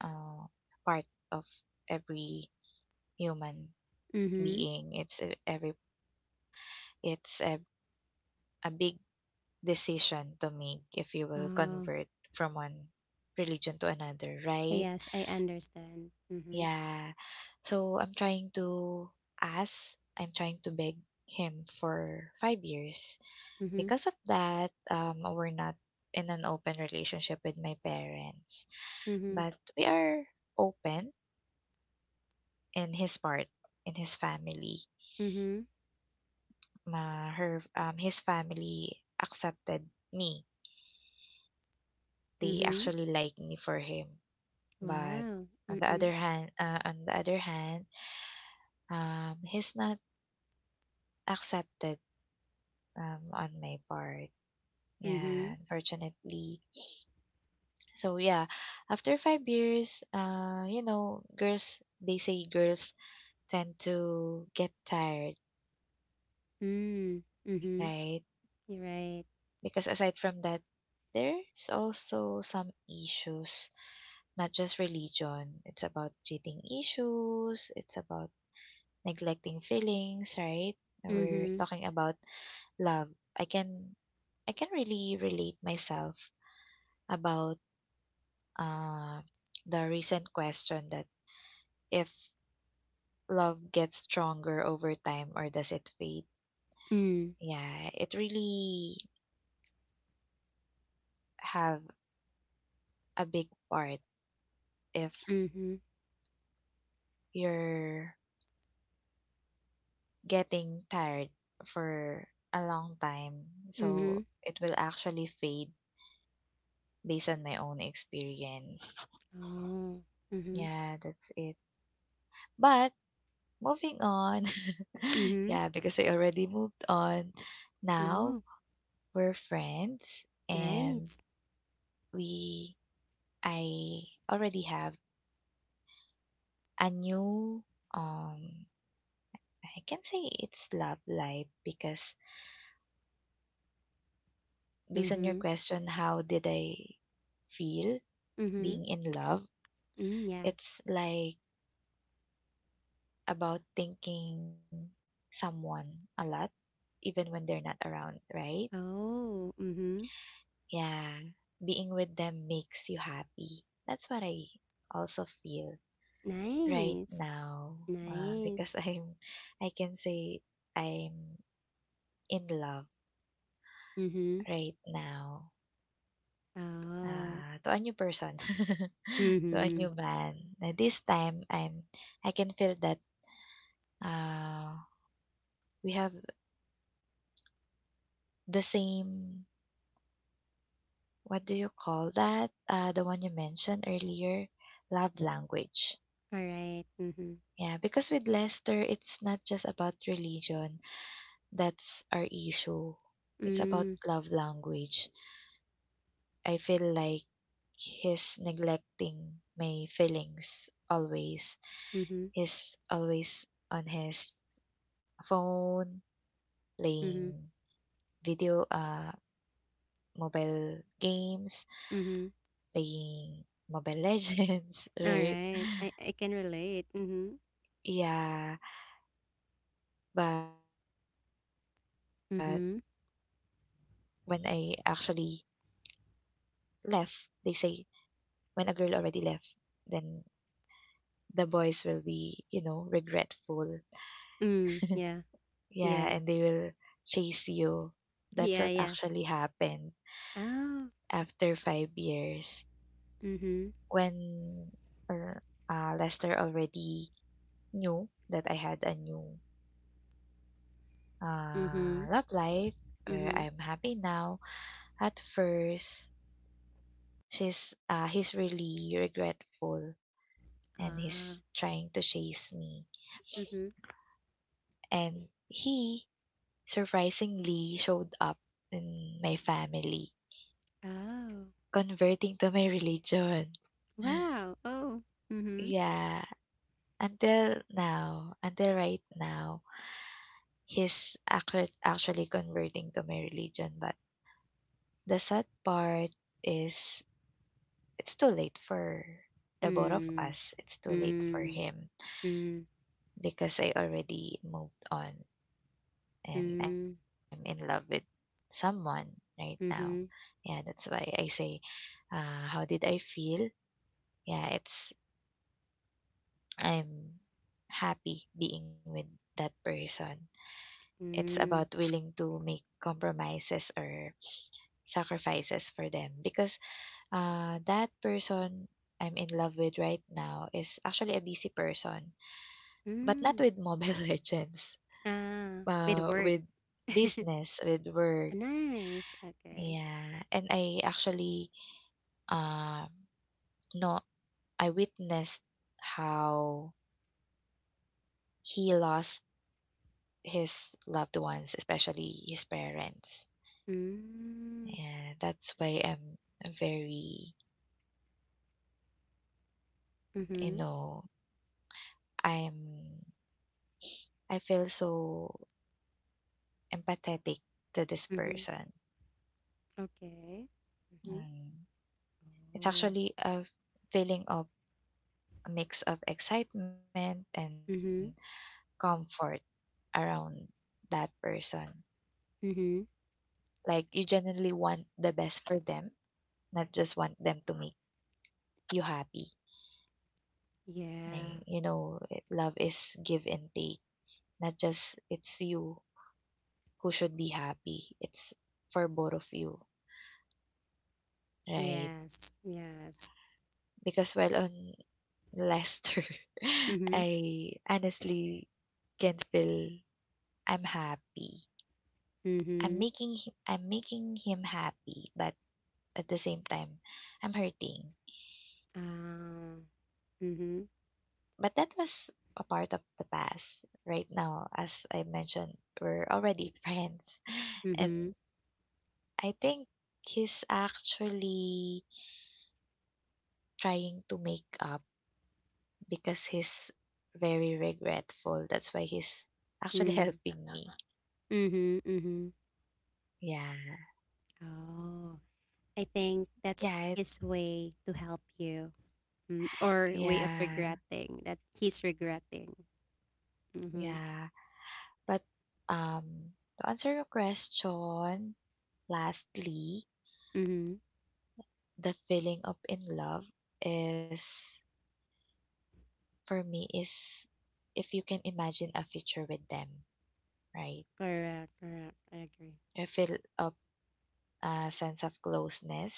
Speaker 2: uh, part of every human
Speaker 1: Mhm.
Speaker 2: being. It's a- every it's a big decision to make if you will
Speaker 1: Oh.
Speaker 2: convert from one religion to another, right?
Speaker 1: Yes, I understand. Mhm.
Speaker 2: Yeah. So ask, I'm trying to beg him for 5 years.
Speaker 1: Mhm.
Speaker 2: Because of that, we're not in an open relationship with my parents,
Speaker 1: Mhm.
Speaker 2: but we are open in his part, in his family.
Speaker 1: Mhm.
Speaker 2: His family accepted me. They
Speaker 1: Mhm.
Speaker 2: actually like me for him. But
Speaker 1: Wow. Mm-mm.
Speaker 2: on the other hand, he's not accepted on my part.
Speaker 1: Mhm.
Speaker 2: Yeah, unfortunately. So, after 5 years, you know, girls, they say girls tend to get tired,
Speaker 1: Mm. Mhm.
Speaker 2: right?
Speaker 1: You're right.
Speaker 2: Because aside from that, there's also some issues, not just religion. It's about cheating issues, it's about neglecting feelings, right? We're
Speaker 1: Mhm.
Speaker 2: talking about love. I can I can really relate myself about uh, the recent question that if love gets stronger over time or does it fade.
Speaker 1: Mm.
Speaker 2: Yeah, it really have a big part if
Speaker 1: Mhm.
Speaker 2: you're getting tired for a long time. So
Speaker 1: Mhm.
Speaker 2: it will actually fade based on my own experience.
Speaker 1: Oh. Mhm.
Speaker 2: Yeah, that's it. But moving on,
Speaker 1: Mhm.
Speaker 2: yeah, because I already moved on. Now
Speaker 1: No.
Speaker 2: we're friends and
Speaker 1: Nice.
Speaker 2: we I already have a new, um I can say it's love life, because based on your
Speaker 1: Mhm.
Speaker 2: question how did I feel being
Speaker 1: Mhm.
Speaker 2: in love.
Speaker 1: Mm, yeah.
Speaker 2: It's like about thinking someone a lot, even when they're not around, right?
Speaker 1: Oh. Mhm.
Speaker 2: Yeah. Being with them makes you happy. That's what I also feel right
Speaker 1: Nice.
Speaker 2: now. Because
Speaker 1: Nice.
Speaker 2: I can say I'm in love
Speaker 1: Mhm.
Speaker 2: right now.
Speaker 1: Oh.
Speaker 2: To a new person, to a new
Speaker 1: Mhm.
Speaker 2: man. This time, I can feel that, uh, we have the same, what do you call that? The one you mentioned earlier, love language.
Speaker 1: All right. Mhm.
Speaker 2: Yeah, because with Lester, it's not just about religion. That's our issue. It's about
Speaker 1: Mm.
Speaker 2: love language. I feel like he's neglecting my feelings always.
Speaker 1: Mhm.
Speaker 2: He's always on his phone, playing
Speaker 1: Mhm.
Speaker 2: video, mobile games,
Speaker 1: Mhm.
Speaker 2: playing Mobile Legends,
Speaker 1: All
Speaker 2: right?
Speaker 1: right. I can relate. Mhm.
Speaker 2: Yeah. But when
Speaker 1: Mhm.
Speaker 2: I actually left, they say when a girl already left, then the boys will be, you know, regretful.
Speaker 1: Mm, yeah,
Speaker 2: Yeah,
Speaker 1: yeah,
Speaker 2: and they will chase you. That's what
Speaker 1: yeah, yeah.
Speaker 2: actually happened
Speaker 1: Oh,
Speaker 2: after 5 years.
Speaker 1: mm-hmm,
Speaker 2: When er, Lester already knew that I had a new,
Speaker 1: mm-hmm,
Speaker 2: love life, or
Speaker 1: mm-hmm.
Speaker 2: I'm happy now, at first, she's he's really regretful and he's
Speaker 1: Ah,
Speaker 2: trying to chase me.
Speaker 1: mm-hmm.
Speaker 2: And he surprisingly showed up in my family,
Speaker 1: Oh,
Speaker 2: converting to my religion.
Speaker 1: wow. Oh, mm-hmm.
Speaker 2: Yeah, until now, until right now, he's actually converting to my religion. But the sad part is it's too late for the both of
Speaker 1: Mm,
Speaker 2: us. It's too late for
Speaker 1: mm,
Speaker 2: him
Speaker 1: mm,
Speaker 2: because I already moved on and I'm
Speaker 1: mm,
Speaker 2: in love with someone right now.
Speaker 1: mm-hmm,
Speaker 2: Yeah, that's why I say, how did I feel? Yeah, it's, I'm happy being with that person. It's about
Speaker 1: mm,
Speaker 2: willing to make compromises or sacrifices for them because that person I'm in love with right now is actually a busy person, but not
Speaker 1: mm.
Speaker 2: with Mobile Legends,
Speaker 1: Ah, with work.
Speaker 2: with business, with
Speaker 1: Oh,
Speaker 2: work.
Speaker 1: nice. Okay.
Speaker 2: Yeah, and I actually, Uh no I witnessed how he lost his loved ones, especially his parents.
Speaker 1: Mm,
Speaker 2: And that's why I'm very, you
Speaker 1: mm-hmm,
Speaker 2: know, I'm I feel so empathetic to this
Speaker 1: mm-hmm.
Speaker 2: person.
Speaker 1: Okay. Mm-hmm.
Speaker 2: Mm. It's
Speaker 1: Oh,
Speaker 2: actually a feeling of a mix of excitement and
Speaker 1: mm-hmm,
Speaker 2: comfort around that person.
Speaker 1: mm-hmm.
Speaker 2: Like you genuinely want the best for them, not just want them to make you happy.
Speaker 1: Yeah.
Speaker 2: Like, you know, it- love is give and take. Not just it's you who should be happy. It's for both of you, right?
Speaker 1: Yes, yes.
Speaker 2: Because while on Lester,
Speaker 1: Mm-hmm.
Speaker 2: I honestly can feel I'm happy.
Speaker 1: Mhm.
Speaker 2: I'm making him happy, but at the same time, I'm hurting.
Speaker 1: Ah. Mhm.
Speaker 2: But that was a part of the past. Right now, as I mentioned, we're already friends and
Speaker 1: Mhm.
Speaker 2: I think he's actually trying to make up because he's very regretful. That's why he's actually
Speaker 1: Mm.
Speaker 2: helping me.
Speaker 1: Mhm. Mhm.
Speaker 2: Yeah.
Speaker 1: Oh. I think that's
Speaker 2: Yeah.
Speaker 1: his way to help you. Mm. Or way of
Speaker 2: Yeah.
Speaker 1: regretting that he's regretting. Mhm.
Speaker 2: Yeah. But um to answer your question, lastly,
Speaker 1: Mhm.
Speaker 2: the feeling of in love is, for me, is if you can imagine a future with them, right?
Speaker 1: Correct, correct. I agree.
Speaker 2: I feel a sense of closeness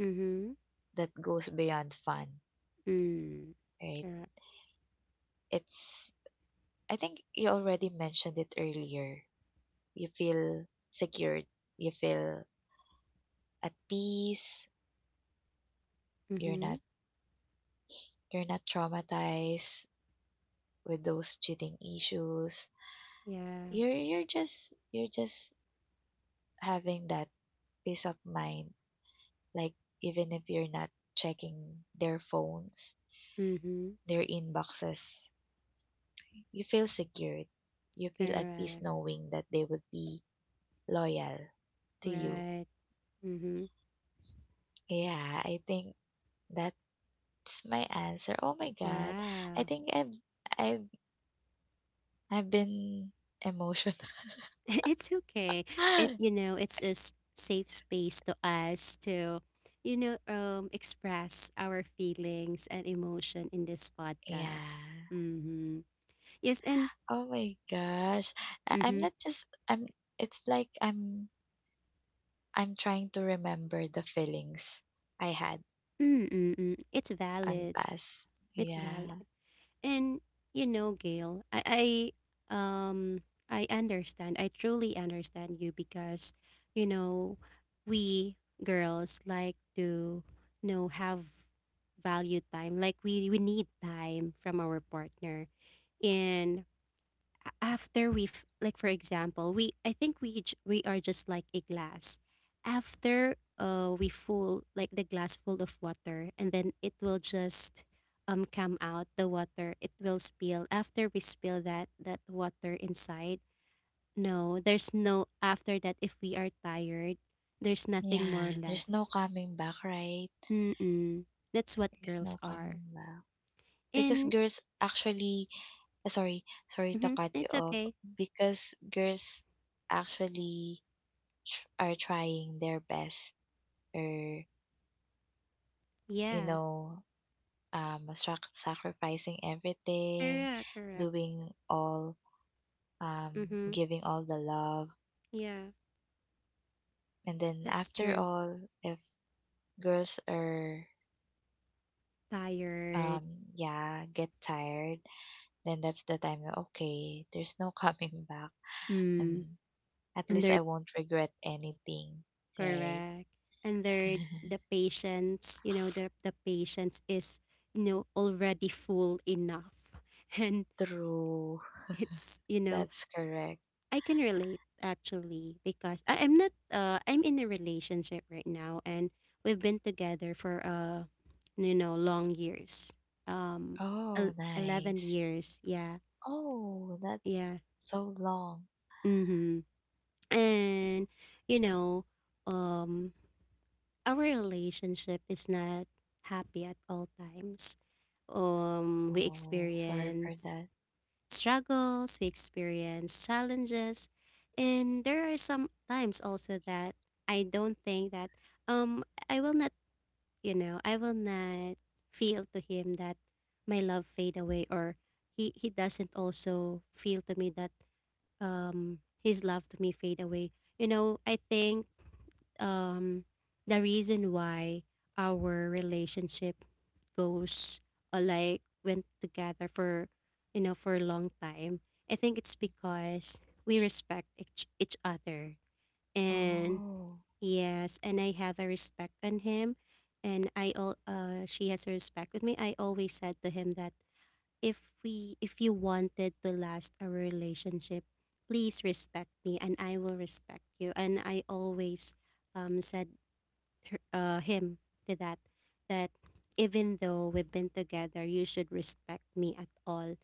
Speaker 1: Mhm.
Speaker 2: that goes beyond fun,
Speaker 1: Mm.
Speaker 2: right?
Speaker 1: Correct.
Speaker 2: It's, I think you already mentioned it earlier. You feel secured. You feel at peace. You're not,
Speaker 1: Mhm.
Speaker 2: you're not traumatized with those cheating issues.
Speaker 1: Yeah.
Speaker 2: You're, you're just, you're just having that peace of mind. Like, even if you're not checking their phones,
Speaker 1: Mhm.
Speaker 2: their inboxes, you feel secured. You feel at peace
Speaker 1: Correct.
Speaker 2: knowing that they would be loyal to you.
Speaker 1: Right. Mhm.
Speaker 2: Yeah, I think that that's my answer. Oh my god. I
Speaker 1: Wow.
Speaker 2: think I've I've been emotional.
Speaker 1: It's okay. It you know, it's a safe space to us to express our feelings and emotion in this podcast.
Speaker 2: Yeah.
Speaker 1: Mhm. Yes, and
Speaker 2: Oh my gosh. I'm
Speaker 1: mhm.
Speaker 2: not just I'm it's like I'm trying to remember the feelings I had
Speaker 1: Mm-mm-mm. It's
Speaker 2: on
Speaker 1: valid.
Speaker 2: past.
Speaker 1: It's valid.
Speaker 2: Yeah.
Speaker 1: And Gail, um I understand. I truly understand you because, you know, we girls like to have value time. Like we need time from our partner. And after we have, like for example, we I think we j- we are just like a glass, after we full like the glass full of water, and then it will just, come out the water. It will spill after we spill that water inside. No, there's no after that. If we are tired, there's nothing more
Speaker 2: Yeah. There's
Speaker 1: left.
Speaker 2: no coming back, right?
Speaker 1: mm that's what
Speaker 2: There's
Speaker 1: girls
Speaker 2: no
Speaker 1: are.
Speaker 2: coming back. Because
Speaker 1: And
Speaker 2: girls actually, uh, sorry, sorry to
Speaker 1: mm-hmm,
Speaker 2: cut you
Speaker 1: it's
Speaker 2: off.
Speaker 1: okay.
Speaker 2: Because girls actually are trying their best or you
Speaker 1: Yeah,
Speaker 2: know, sacrificing everything,
Speaker 1: correct, correct.
Speaker 2: doing all,
Speaker 1: Mm-hmm,
Speaker 2: giving all the love,
Speaker 1: yeah,
Speaker 2: and then
Speaker 1: that's
Speaker 2: after
Speaker 1: true.
Speaker 2: all, if girls are,
Speaker 1: Tired.
Speaker 2: um yeah get tired, then that's the time na, okay, there's no coming back,
Speaker 1: mm
Speaker 2: and at least
Speaker 1: Under.
Speaker 2: I won't regret anything, right?
Speaker 1: Correct. And third, the patience, the patience is, already full enough. And
Speaker 2: True.
Speaker 1: it's, you know,
Speaker 2: That's correct.
Speaker 1: I can relate actually, because, I, I'm not, I'm in a relationship right now and we've been together for, long years. Um,
Speaker 2: Oh,
Speaker 1: 11
Speaker 2: nice.
Speaker 1: years. Yeah.
Speaker 2: Oh, that.
Speaker 1: Yeah.
Speaker 2: So long.
Speaker 1: Mm-hmm. And, you know, um, our relationship is not happy at all times. We
Speaker 2: Oh, sorry for
Speaker 1: experience
Speaker 2: that.
Speaker 1: struggles, we experience challenges, and there are some times also that I don't think that, um I will not, I will not feel to him that my love fade away, or he doesn't also feel to me that, his love to me fade away. I think, um the reason why our relationship goes like went together for you know for a long time. I think it's because we respect each other. And
Speaker 2: Oh,
Speaker 1: yes, and I have a respect on him. And she has a respect with me. I always said to him that, if you wanted to last our relationship, please respect me and I will respect you. And I always, said him to that even though we've been together, you should respect me at all.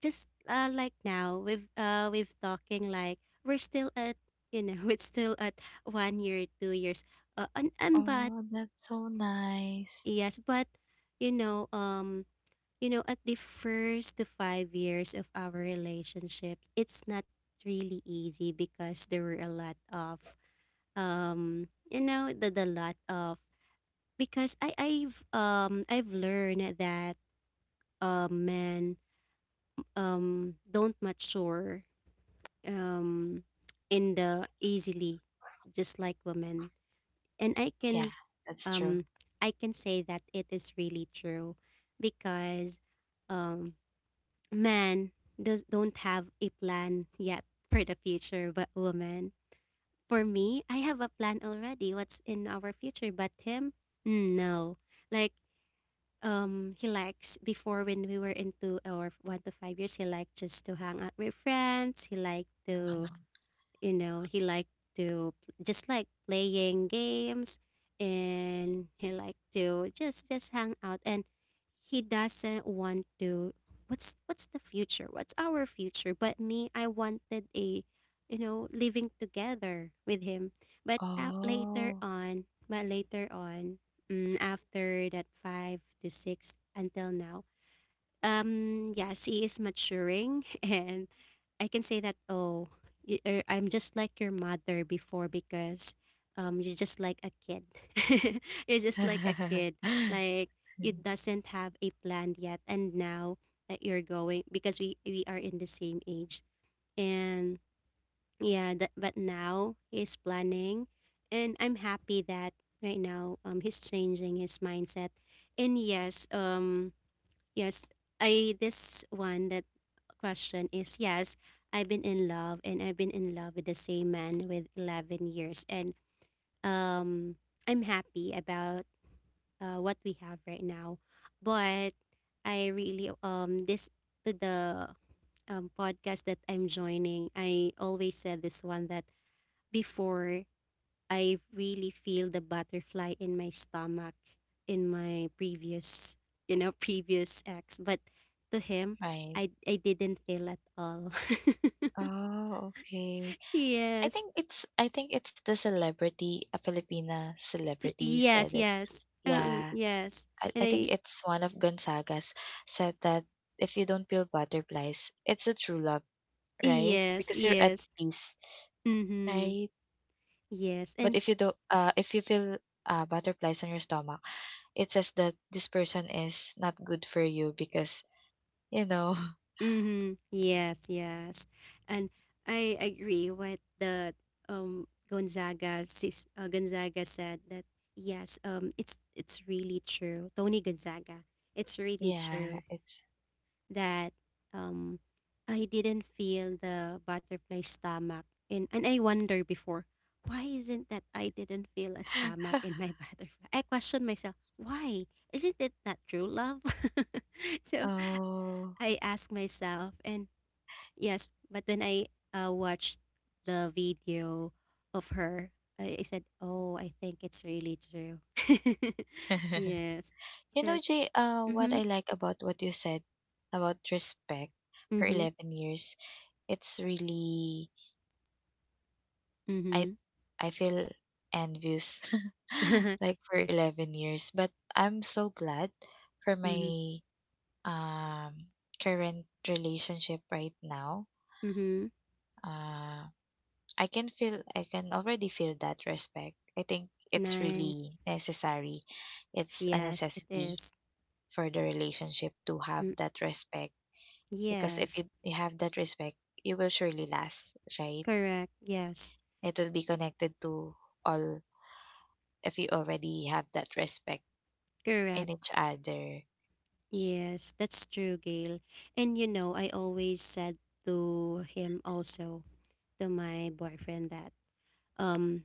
Speaker 1: Just like now we've talking, like we're still at, it's still at one year 2 years, and but
Speaker 2: oh, that's so nice.
Speaker 1: yes, but, you know um at the first to 5 years of our relationship, it's not really easy because there were a lot of, the lot of, because I've learned that, men, don't mature, um in the easily, just like women. And
Speaker 2: Yeah, that's true.
Speaker 1: um I can say that it is really true, because, um men does don't have a plan yet for the future. But women, for me, I have a plan already what's in our future. But him, no, like, he likes before when we were into our 1 to 5 years, he liked just to hang out with friends. He liked to,
Speaker 2: Mm.
Speaker 1: you know, he liked to just like playing games. And he liked to just hang out. And he doesn't want to. What's the future? What's our future? But me, I wanted living together with him. But uh, later
Speaker 2: Oh,
Speaker 1: on, but later on, after that 5 to 6 until now, yes, he is maturing and I can say that, oh, I'm just like your mother before, because, you're just like a kid. You're just like a kid. Like, you doesn't have a plan yet. And now that you're going, because we are in the same age. And yeah, that, but now he's planning. And I'm happy that right now he's changing his mindset. And yes, yes, this one that question is yes, I've been in love and I've been in love with the same man with 11 years and um I'm happy about what we have right now. But I really this to the podcast that I'm joining, I always said this one that before I really feel the butterfly in my stomach in my previous previous ex, but to him
Speaker 2: right.
Speaker 1: I didn't feel at all.
Speaker 2: Oh, okay.
Speaker 1: Yes.
Speaker 2: I think it's the celebrity, a Filipina celebrity said
Speaker 1: Yes,
Speaker 2: it.
Speaker 1: yes.
Speaker 2: Yeah,
Speaker 1: Yes. And
Speaker 2: I think
Speaker 1: I
Speaker 2: it's one of Gonzaga's, said that if you don't feel butterflies, it's a true love, right?
Speaker 1: yes,
Speaker 2: Because you're at
Speaker 1: yes.
Speaker 2: peace, right?
Speaker 1: Mhm.
Speaker 2: But
Speaker 1: Yes.
Speaker 2: if you
Speaker 1: And
Speaker 2: do, if you feel butterflies on your stomach, it says that this person is not good for you because, you know.
Speaker 1: mhm. Yes, yes. And I agree what the Gonzaga said that yes, it's really true. Tony Gonzaga. It's really
Speaker 2: Yeah,
Speaker 1: true.
Speaker 2: it's
Speaker 1: That um, I didn't feel the butterfly stomach and I wonder before why isn't that I didn't feel a stomach in my butterfly? I question myself, why? Isn't it not true love? So
Speaker 2: oh.
Speaker 1: I ask myself and yes, but when I watched the video of her, I said, "Oh, I think it's really true." Yes.
Speaker 2: You know,
Speaker 1: Says,
Speaker 2: Jay. What
Speaker 1: "Mhm.
Speaker 2: I like about what you said about respect for
Speaker 1: Mhm.
Speaker 2: 11 years, it's really, I
Speaker 1: Mhm."
Speaker 2: I feel envious, like for
Speaker 1: Yeah.
Speaker 2: 11 years. But I'm so glad for
Speaker 1: Mm-hmm.
Speaker 2: my um current relationship right now.
Speaker 1: Mm-hmm.
Speaker 2: Uh, I can feel, I can already feel that respect. I think it's
Speaker 1: Nice.
Speaker 2: really necessary. It's a
Speaker 1: Yes, it
Speaker 2: necessity
Speaker 1: is.
Speaker 2: for the relationship to have
Speaker 1: Mm,
Speaker 2: that respect, because if
Speaker 1: yes.
Speaker 2: you have that respect, you will surely last, right?
Speaker 1: Correct. Yes.
Speaker 2: It will be connected to all if you already have that respect in
Speaker 1: Correct.
Speaker 2: each other.
Speaker 1: Yes, that's true, Gail. And you know, I always said to him also, to my boyfriend, that um,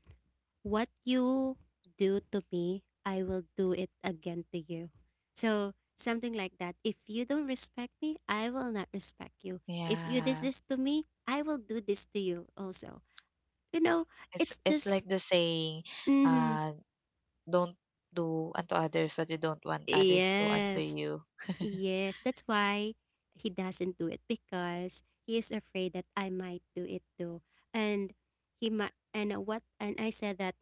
Speaker 1: what you do to me, I will do it again to you. So something like that. If you don't respect me, I will not respect you. If you this
Speaker 2: Yeah.
Speaker 1: this to me, I will do this to you also. You know,
Speaker 2: It's
Speaker 1: it's
Speaker 2: it's
Speaker 1: just.
Speaker 2: like the saying,
Speaker 1: Mm-hmm.
Speaker 2: uh, don't do unto others what you don't want others to unto
Speaker 1: Yes,
Speaker 2: you.
Speaker 1: yes. That's why he doesn't do it because he is afraid that I might do it too. And he might, and what, and I said that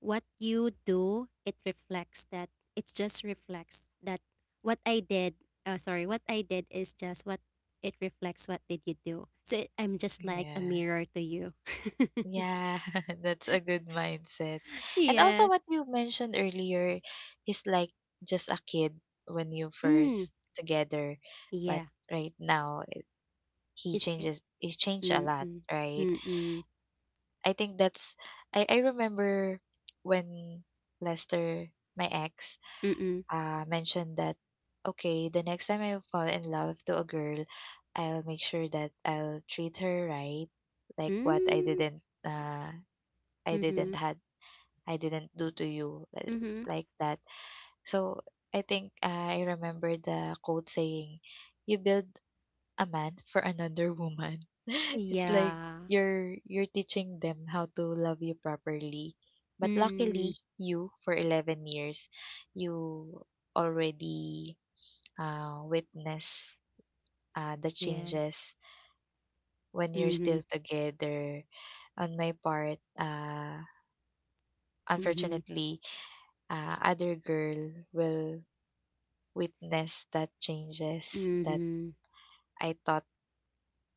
Speaker 1: what you do, it reflects that, it just reflects that what I did, sorry, what I did is just what it reflects what did you do. So it, I'm just like a
Speaker 2: Yeah.
Speaker 1: mirror to you.
Speaker 2: Yeah, that's a good mindset. And also
Speaker 1: Yes.
Speaker 2: what you mentioned earlier, he's like just a kid when you first
Speaker 1: Mm.
Speaker 2: together, but
Speaker 1: Yeah.
Speaker 2: right now
Speaker 1: It's good.
Speaker 2: he changed a lot,
Speaker 1: Mm-mm.
Speaker 2: right?
Speaker 1: Mm-mm.
Speaker 2: I think that's, I remember when Lester, my ex,
Speaker 1: Mm-mm.
Speaker 2: mentioned that, okay, the next time I fall in love to a girl, I'll make sure that I'll treat her right, like what I
Speaker 1: Mm-hmm.
Speaker 2: didn't had, I didn't do to you,
Speaker 1: Mhm.
Speaker 2: like that. So I think I remember the quote saying, "You build a man for another woman." It's like
Speaker 1: Yeah.
Speaker 2: you're teaching them how to love you properly. But
Speaker 1: Mm.
Speaker 2: luckily, you, for 11 years, you already witness the
Speaker 1: Yeah.
Speaker 2: changes when you're still
Speaker 1: Mhm.
Speaker 2: together. On my part,
Speaker 1: Mhm.
Speaker 2: unfortunately, other girl will witness that changes that
Speaker 1: Mhm.
Speaker 2: I thought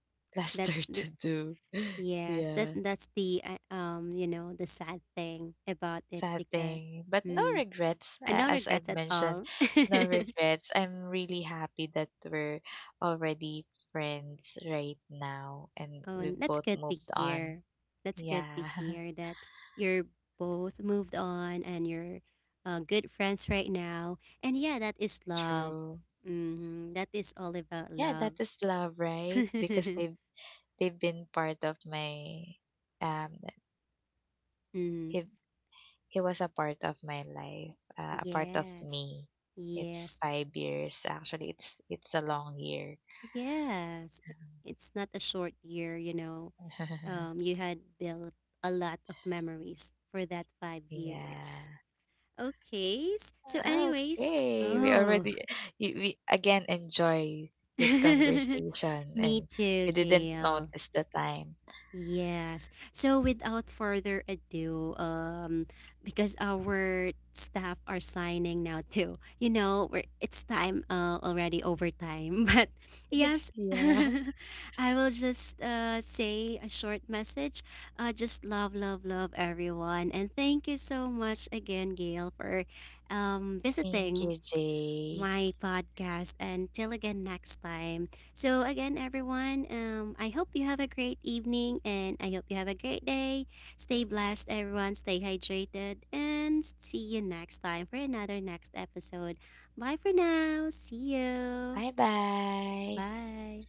Speaker 1: That's
Speaker 2: Lester
Speaker 1: the
Speaker 2: to do.
Speaker 1: yes. That
Speaker 2: Yeah,
Speaker 1: that's the you know, the sad thing about it
Speaker 2: sad
Speaker 1: because
Speaker 2: thing, but no
Speaker 1: mm,
Speaker 2: regrets.
Speaker 1: I don't
Speaker 2: As
Speaker 1: regret
Speaker 2: I've
Speaker 1: at
Speaker 2: mentioned,
Speaker 1: all.
Speaker 2: no regrets. I'm really happy that we're already friends right now and
Speaker 1: Oh, and
Speaker 2: we've
Speaker 1: that's
Speaker 2: both
Speaker 1: good to
Speaker 2: moved on.
Speaker 1: hear. That's good to
Speaker 2: Yeah,
Speaker 1: hear that you're both moved on and you're good friends right now. And yeah, that is love.
Speaker 2: true.
Speaker 1: Mm-hmm. That is all about
Speaker 2: Yeah,
Speaker 1: love.
Speaker 2: that is love, right? Because they've been part of my um
Speaker 1: Mm.
Speaker 2: he he was a part of my life, a part of
Speaker 1: Yes,
Speaker 2: me. It's
Speaker 1: yes,
Speaker 2: 5 years. Actually, it's a long year.
Speaker 1: yes. It's not a short year, you know. You had built a lot of memories for that five
Speaker 2: Yeah.
Speaker 1: years. Okay. So, anyways,
Speaker 2: Okay. We
Speaker 1: oh,
Speaker 2: already we again enjoy this conversation
Speaker 1: me
Speaker 2: and
Speaker 1: too,
Speaker 2: we didn't
Speaker 1: Gail.
Speaker 2: notice the time.
Speaker 1: Yes. So without further ado, because our staff are signing now too. You know, it's time already overtime. But yes,
Speaker 2: Yeah.
Speaker 1: I will just say a short message. Just love, love, love everyone, and thank you so much again, Gail, for
Speaker 2: Thank
Speaker 1: visiting
Speaker 2: you, Jay.
Speaker 1: my podcast. Until again next time. So again, everyone, I hope you have a great evening and I hope you have a great day. Stay blessed, everyone. Stay hydrated and see you next time for another next episode. Bye for now. See you.
Speaker 2: Bye bye.
Speaker 1: Bye.